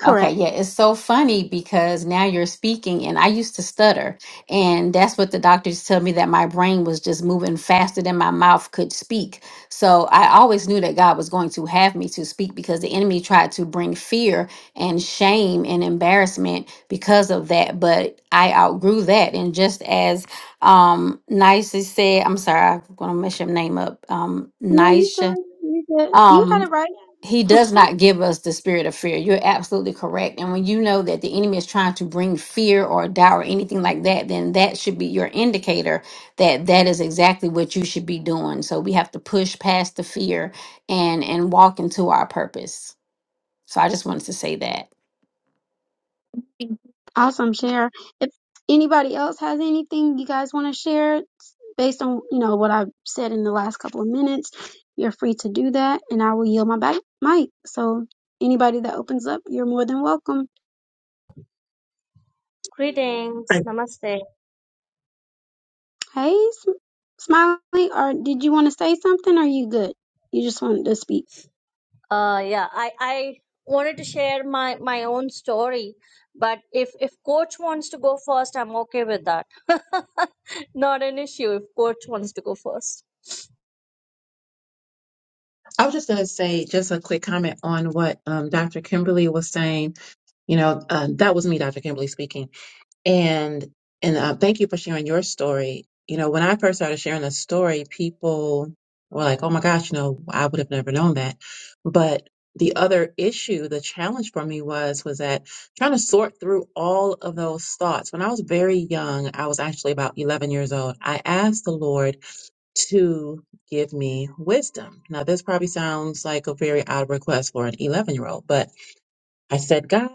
Okay, yeah, it's so funny because now you're speaking, and I used to stutter, and that's what the doctors tell me that my brain was just moving faster than my mouth could speak. So I always knew that God was going to have me to speak because the enemy tried to bring fear and shame and embarrassment because of that, but I outgrew that. And just as um Nisha said, I'm sorry, I'm gonna mess your name up. Um no you good Nisha you good you had it right he does not give us the spirit of fear. You're absolutely correct. And when you know that the enemy is trying to bring fear or doubt or anything like that, then that should be your indicator that that is exactly what you should be doing. So we have to push past the fear and and walk into our purpose. So I just wanted to say that. Awesome share. If anybody else has anything you guys want to share based on, you know, what I've said in the last couple of minutes, you're free to do that and I will yield my back mic. So anybody that opens up, you're more than welcome. Greetings, Right. namaste. Hey, Sm- Smiley, or did you want to say something or are you good? You just wanted to speak. Uh, yeah, I, I wanted to share my, my own story, but if, if coach wants to go first, I'm okay with that. Not an issue if coach wants to go first. I was just going to say just a quick comment on what um, Dr. Kimberly was saying. You know, uh, that was me, Dr. Kimberly speaking. And and uh, thank you for sharing your story. You know, when I first started sharing the story, people were like, "Oh my gosh, you know, I would have never known that." But the other issue, the challenge for me was was that trying to sort through all of those thoughts. When I was very young, I was actually about 11 years old. I asked the Lord to give me wisdom. Now, this probably sounds like a very odd request for an 11 year old, but I said, God,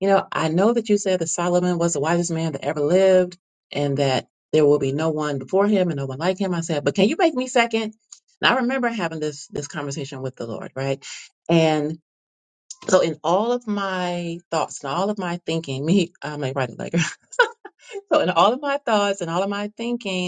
you know, I know that you said that Solomon was the wisest man that ever lived and that there will be no one before him and no one like him. I said, but can you make me second? And I remember having this this conversation with the Lord, right? And so in all of my thoughts and all of my thinking, me, I'm a writer like so in all of my thoughts and all of my thinking,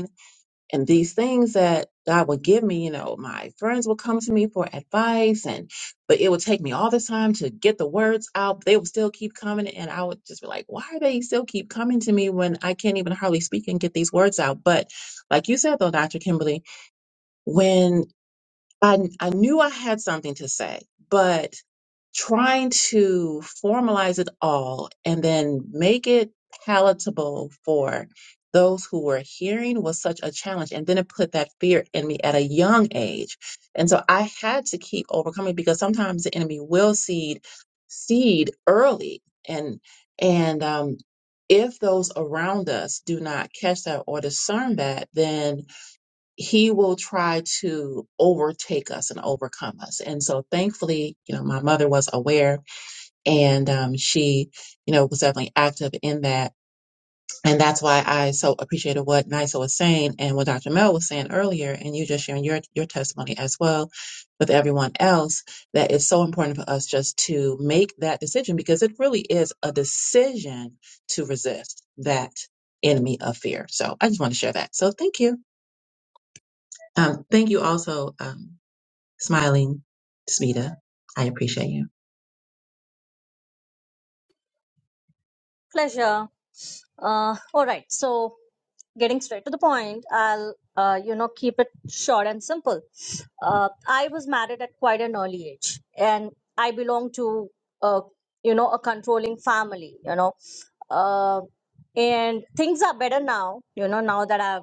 and these things that God would give me, you know, my friends would come to me for advice and but it would take me all this time to get the words out. They would still keep coming and I would just be like, why are they still keep coming to me when I can't even hardly speak and get these words out? But like you said though, Dr. Kimberly, when I, I knew I had something to say, but trying to formalize it all and then make it palatable for those who were hearing was such a challenge. And then it put that fear in me at a young age. And so I had to keep overcoming because sometimes the enemy will seed seed early and and um if those around us do not catch that or discern that, then he will try to overtake us and overcome us. And so thankfully, you know, my mother was aware and um, she, you know, was definitely active in that. And that's why I so appreciated what NISA was saying and what Dr. Mel was saying earlier, and you just sharing your, your testimony as well with everyone else, that it's so important for us just to make that decision because it really is a decision to resist that enemy of fear. So I just want to share that. So thank you. Um, thank you also. um, Smiling, Smita, I appreciate you. Pleasure. Uh, all right. So, getting straight to the point, I'll uh, you know keep it short and simple. Uh, I was married at quite an early age, and I belong to uh, you know a controlling family. You know, uh, and things are better now. You know now that I've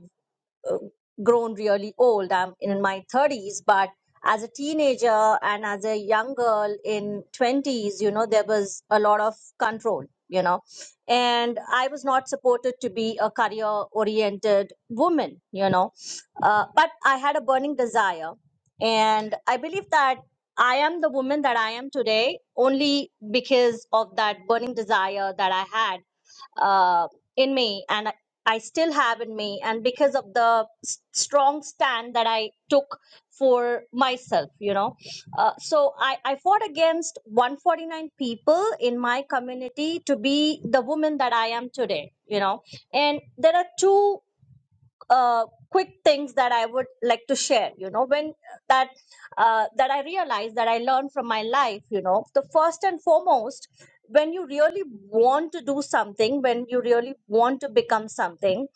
uh, grown really old. I'm in my 30s, but as a teenager and as a young girl in 20s, you know, there was a lot of control, you know, and I was not supported to be a career oriented woman, you know, uh, but I had a burning desire. And I believe that I am the woman that I am today only because of that burning desire that I had uh, in me, and I I still have in me, and because of the s- strong stand that I took for myself, you know. Uh, so I, I fought against 149 people in my community to be the woman that I am today, you know. And there are two uh, quick things that I would like to share. You know, when that uh, that I realized that I learned from my life. You know, the first and foremost, when you really want to do something, when you really want to become something,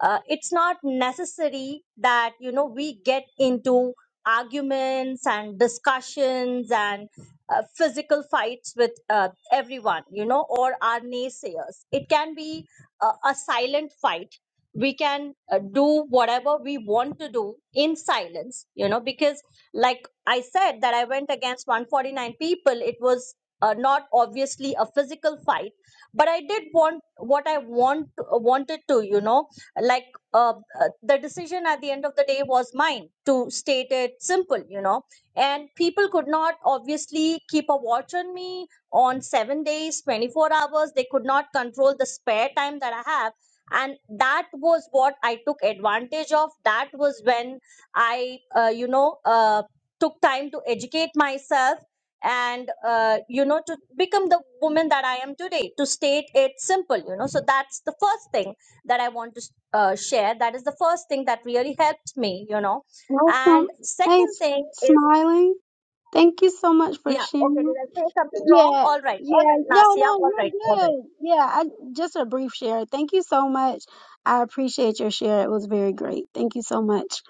uh, it's not necessary that you know we get into arguments and discussions and uh, physical fights with uh, everyone you know or our naysayers it can be a, a silent fight we can uh, do whatever we want to do in silence you know because like i said that i went against 149 people it was uh, not obviously a physical fight but i did want what i want uh, wanted to you know like uh, uh, the decision at the end of the day was mine to state it simple you know and people could not obviously keep a watch on me on 7 days 24 hours they could not control the spare time that i have and that was what i took advantage of that was when i uh, you know uh, took time to educate myself and uh, you know to become the woman that i am today to state it simple you know so that's the first thing that i want to uh, share that is the first thing that really helped me you know and Welcome. Hey, second S- thing is Smiley. Thank you so much for yeah okay sharing. did i say something wrong Yeah, all right all yeah. right No, nasia no, all you're right all right good. Yeah, I just a brief share. Thank you so much. I appreciate your share. It was very great. Thank you so much.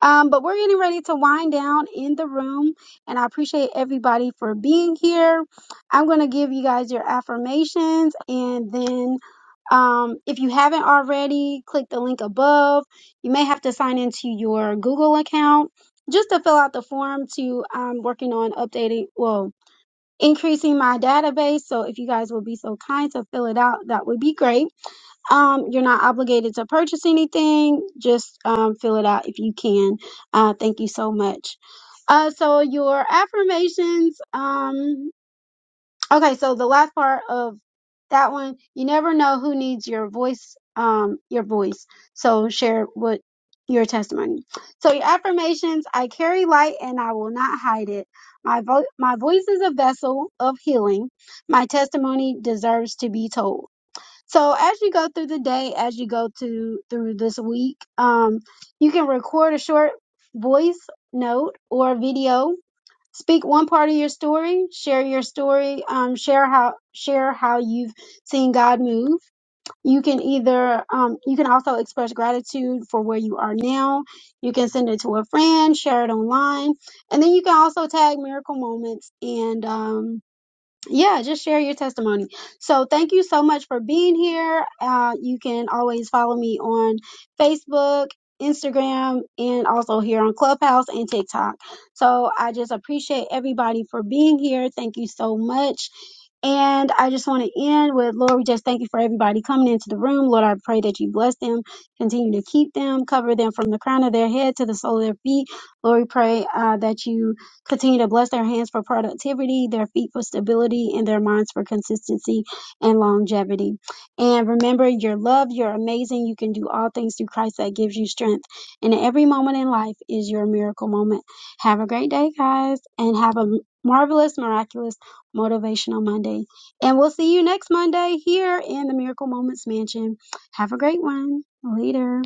Um, but we're getting ready to wind down in the room, and I appreciate everybody for being here. I'm going to give you guys your affirmations, and then um, if you haven't already, click the link above. You may have to sign into your Google account just to fill out the form to um, working on updating. Well increasing my database. So if you guys will be so kind to fill it out, that would be great. Um, you're not obligated to purchase anything. Just um, fill it out if you can. Uh, thank you so much. Uh, so your affirmations. Um, Okay, so the last part of that one, you never know who needs your voice, um, your voice. So share what your testimony. So your affirmations, I carry light and I will not hide it. My vo- my voice is a vessel of healing. My testimony deserves to be told. So as you go through the day, as you go to through this week, um, you can record a short voice note or video speak one part of your story, share your story, um, share how share how you've seen God move. You can either um, you can also express gratitude for where you are now. You can send it to a friend, share it online, and then you can also tag miracle moments and um, yeah, just share your testimony. So thank you so much for being here. Uh, you can always follow me on Facebook, Instagram, and also here on Clubhouse and TikTok. So I just appreciate everybody for being here. Thank you so much. And I just want to end with Lord, we just thank you for everybody coming into the room. Lord, I pray that you bless them, continue to keep them, cover them from the crown of their head to the sole of their feet. Lord, we pray uh, that you Continue to bless their hands for productivity, their feet for stability, and their minds for consistency and longevity. And remember, you're loved, you're amazing, you can do all things through Christ that gives you strength. And every moment in life is your miracle moment. Have a great day, guys, and have a marvelous, miraculous, motivational Monday. And we'll see you next Monday here in the Miracle Moments Mansion. Have a great one. Later.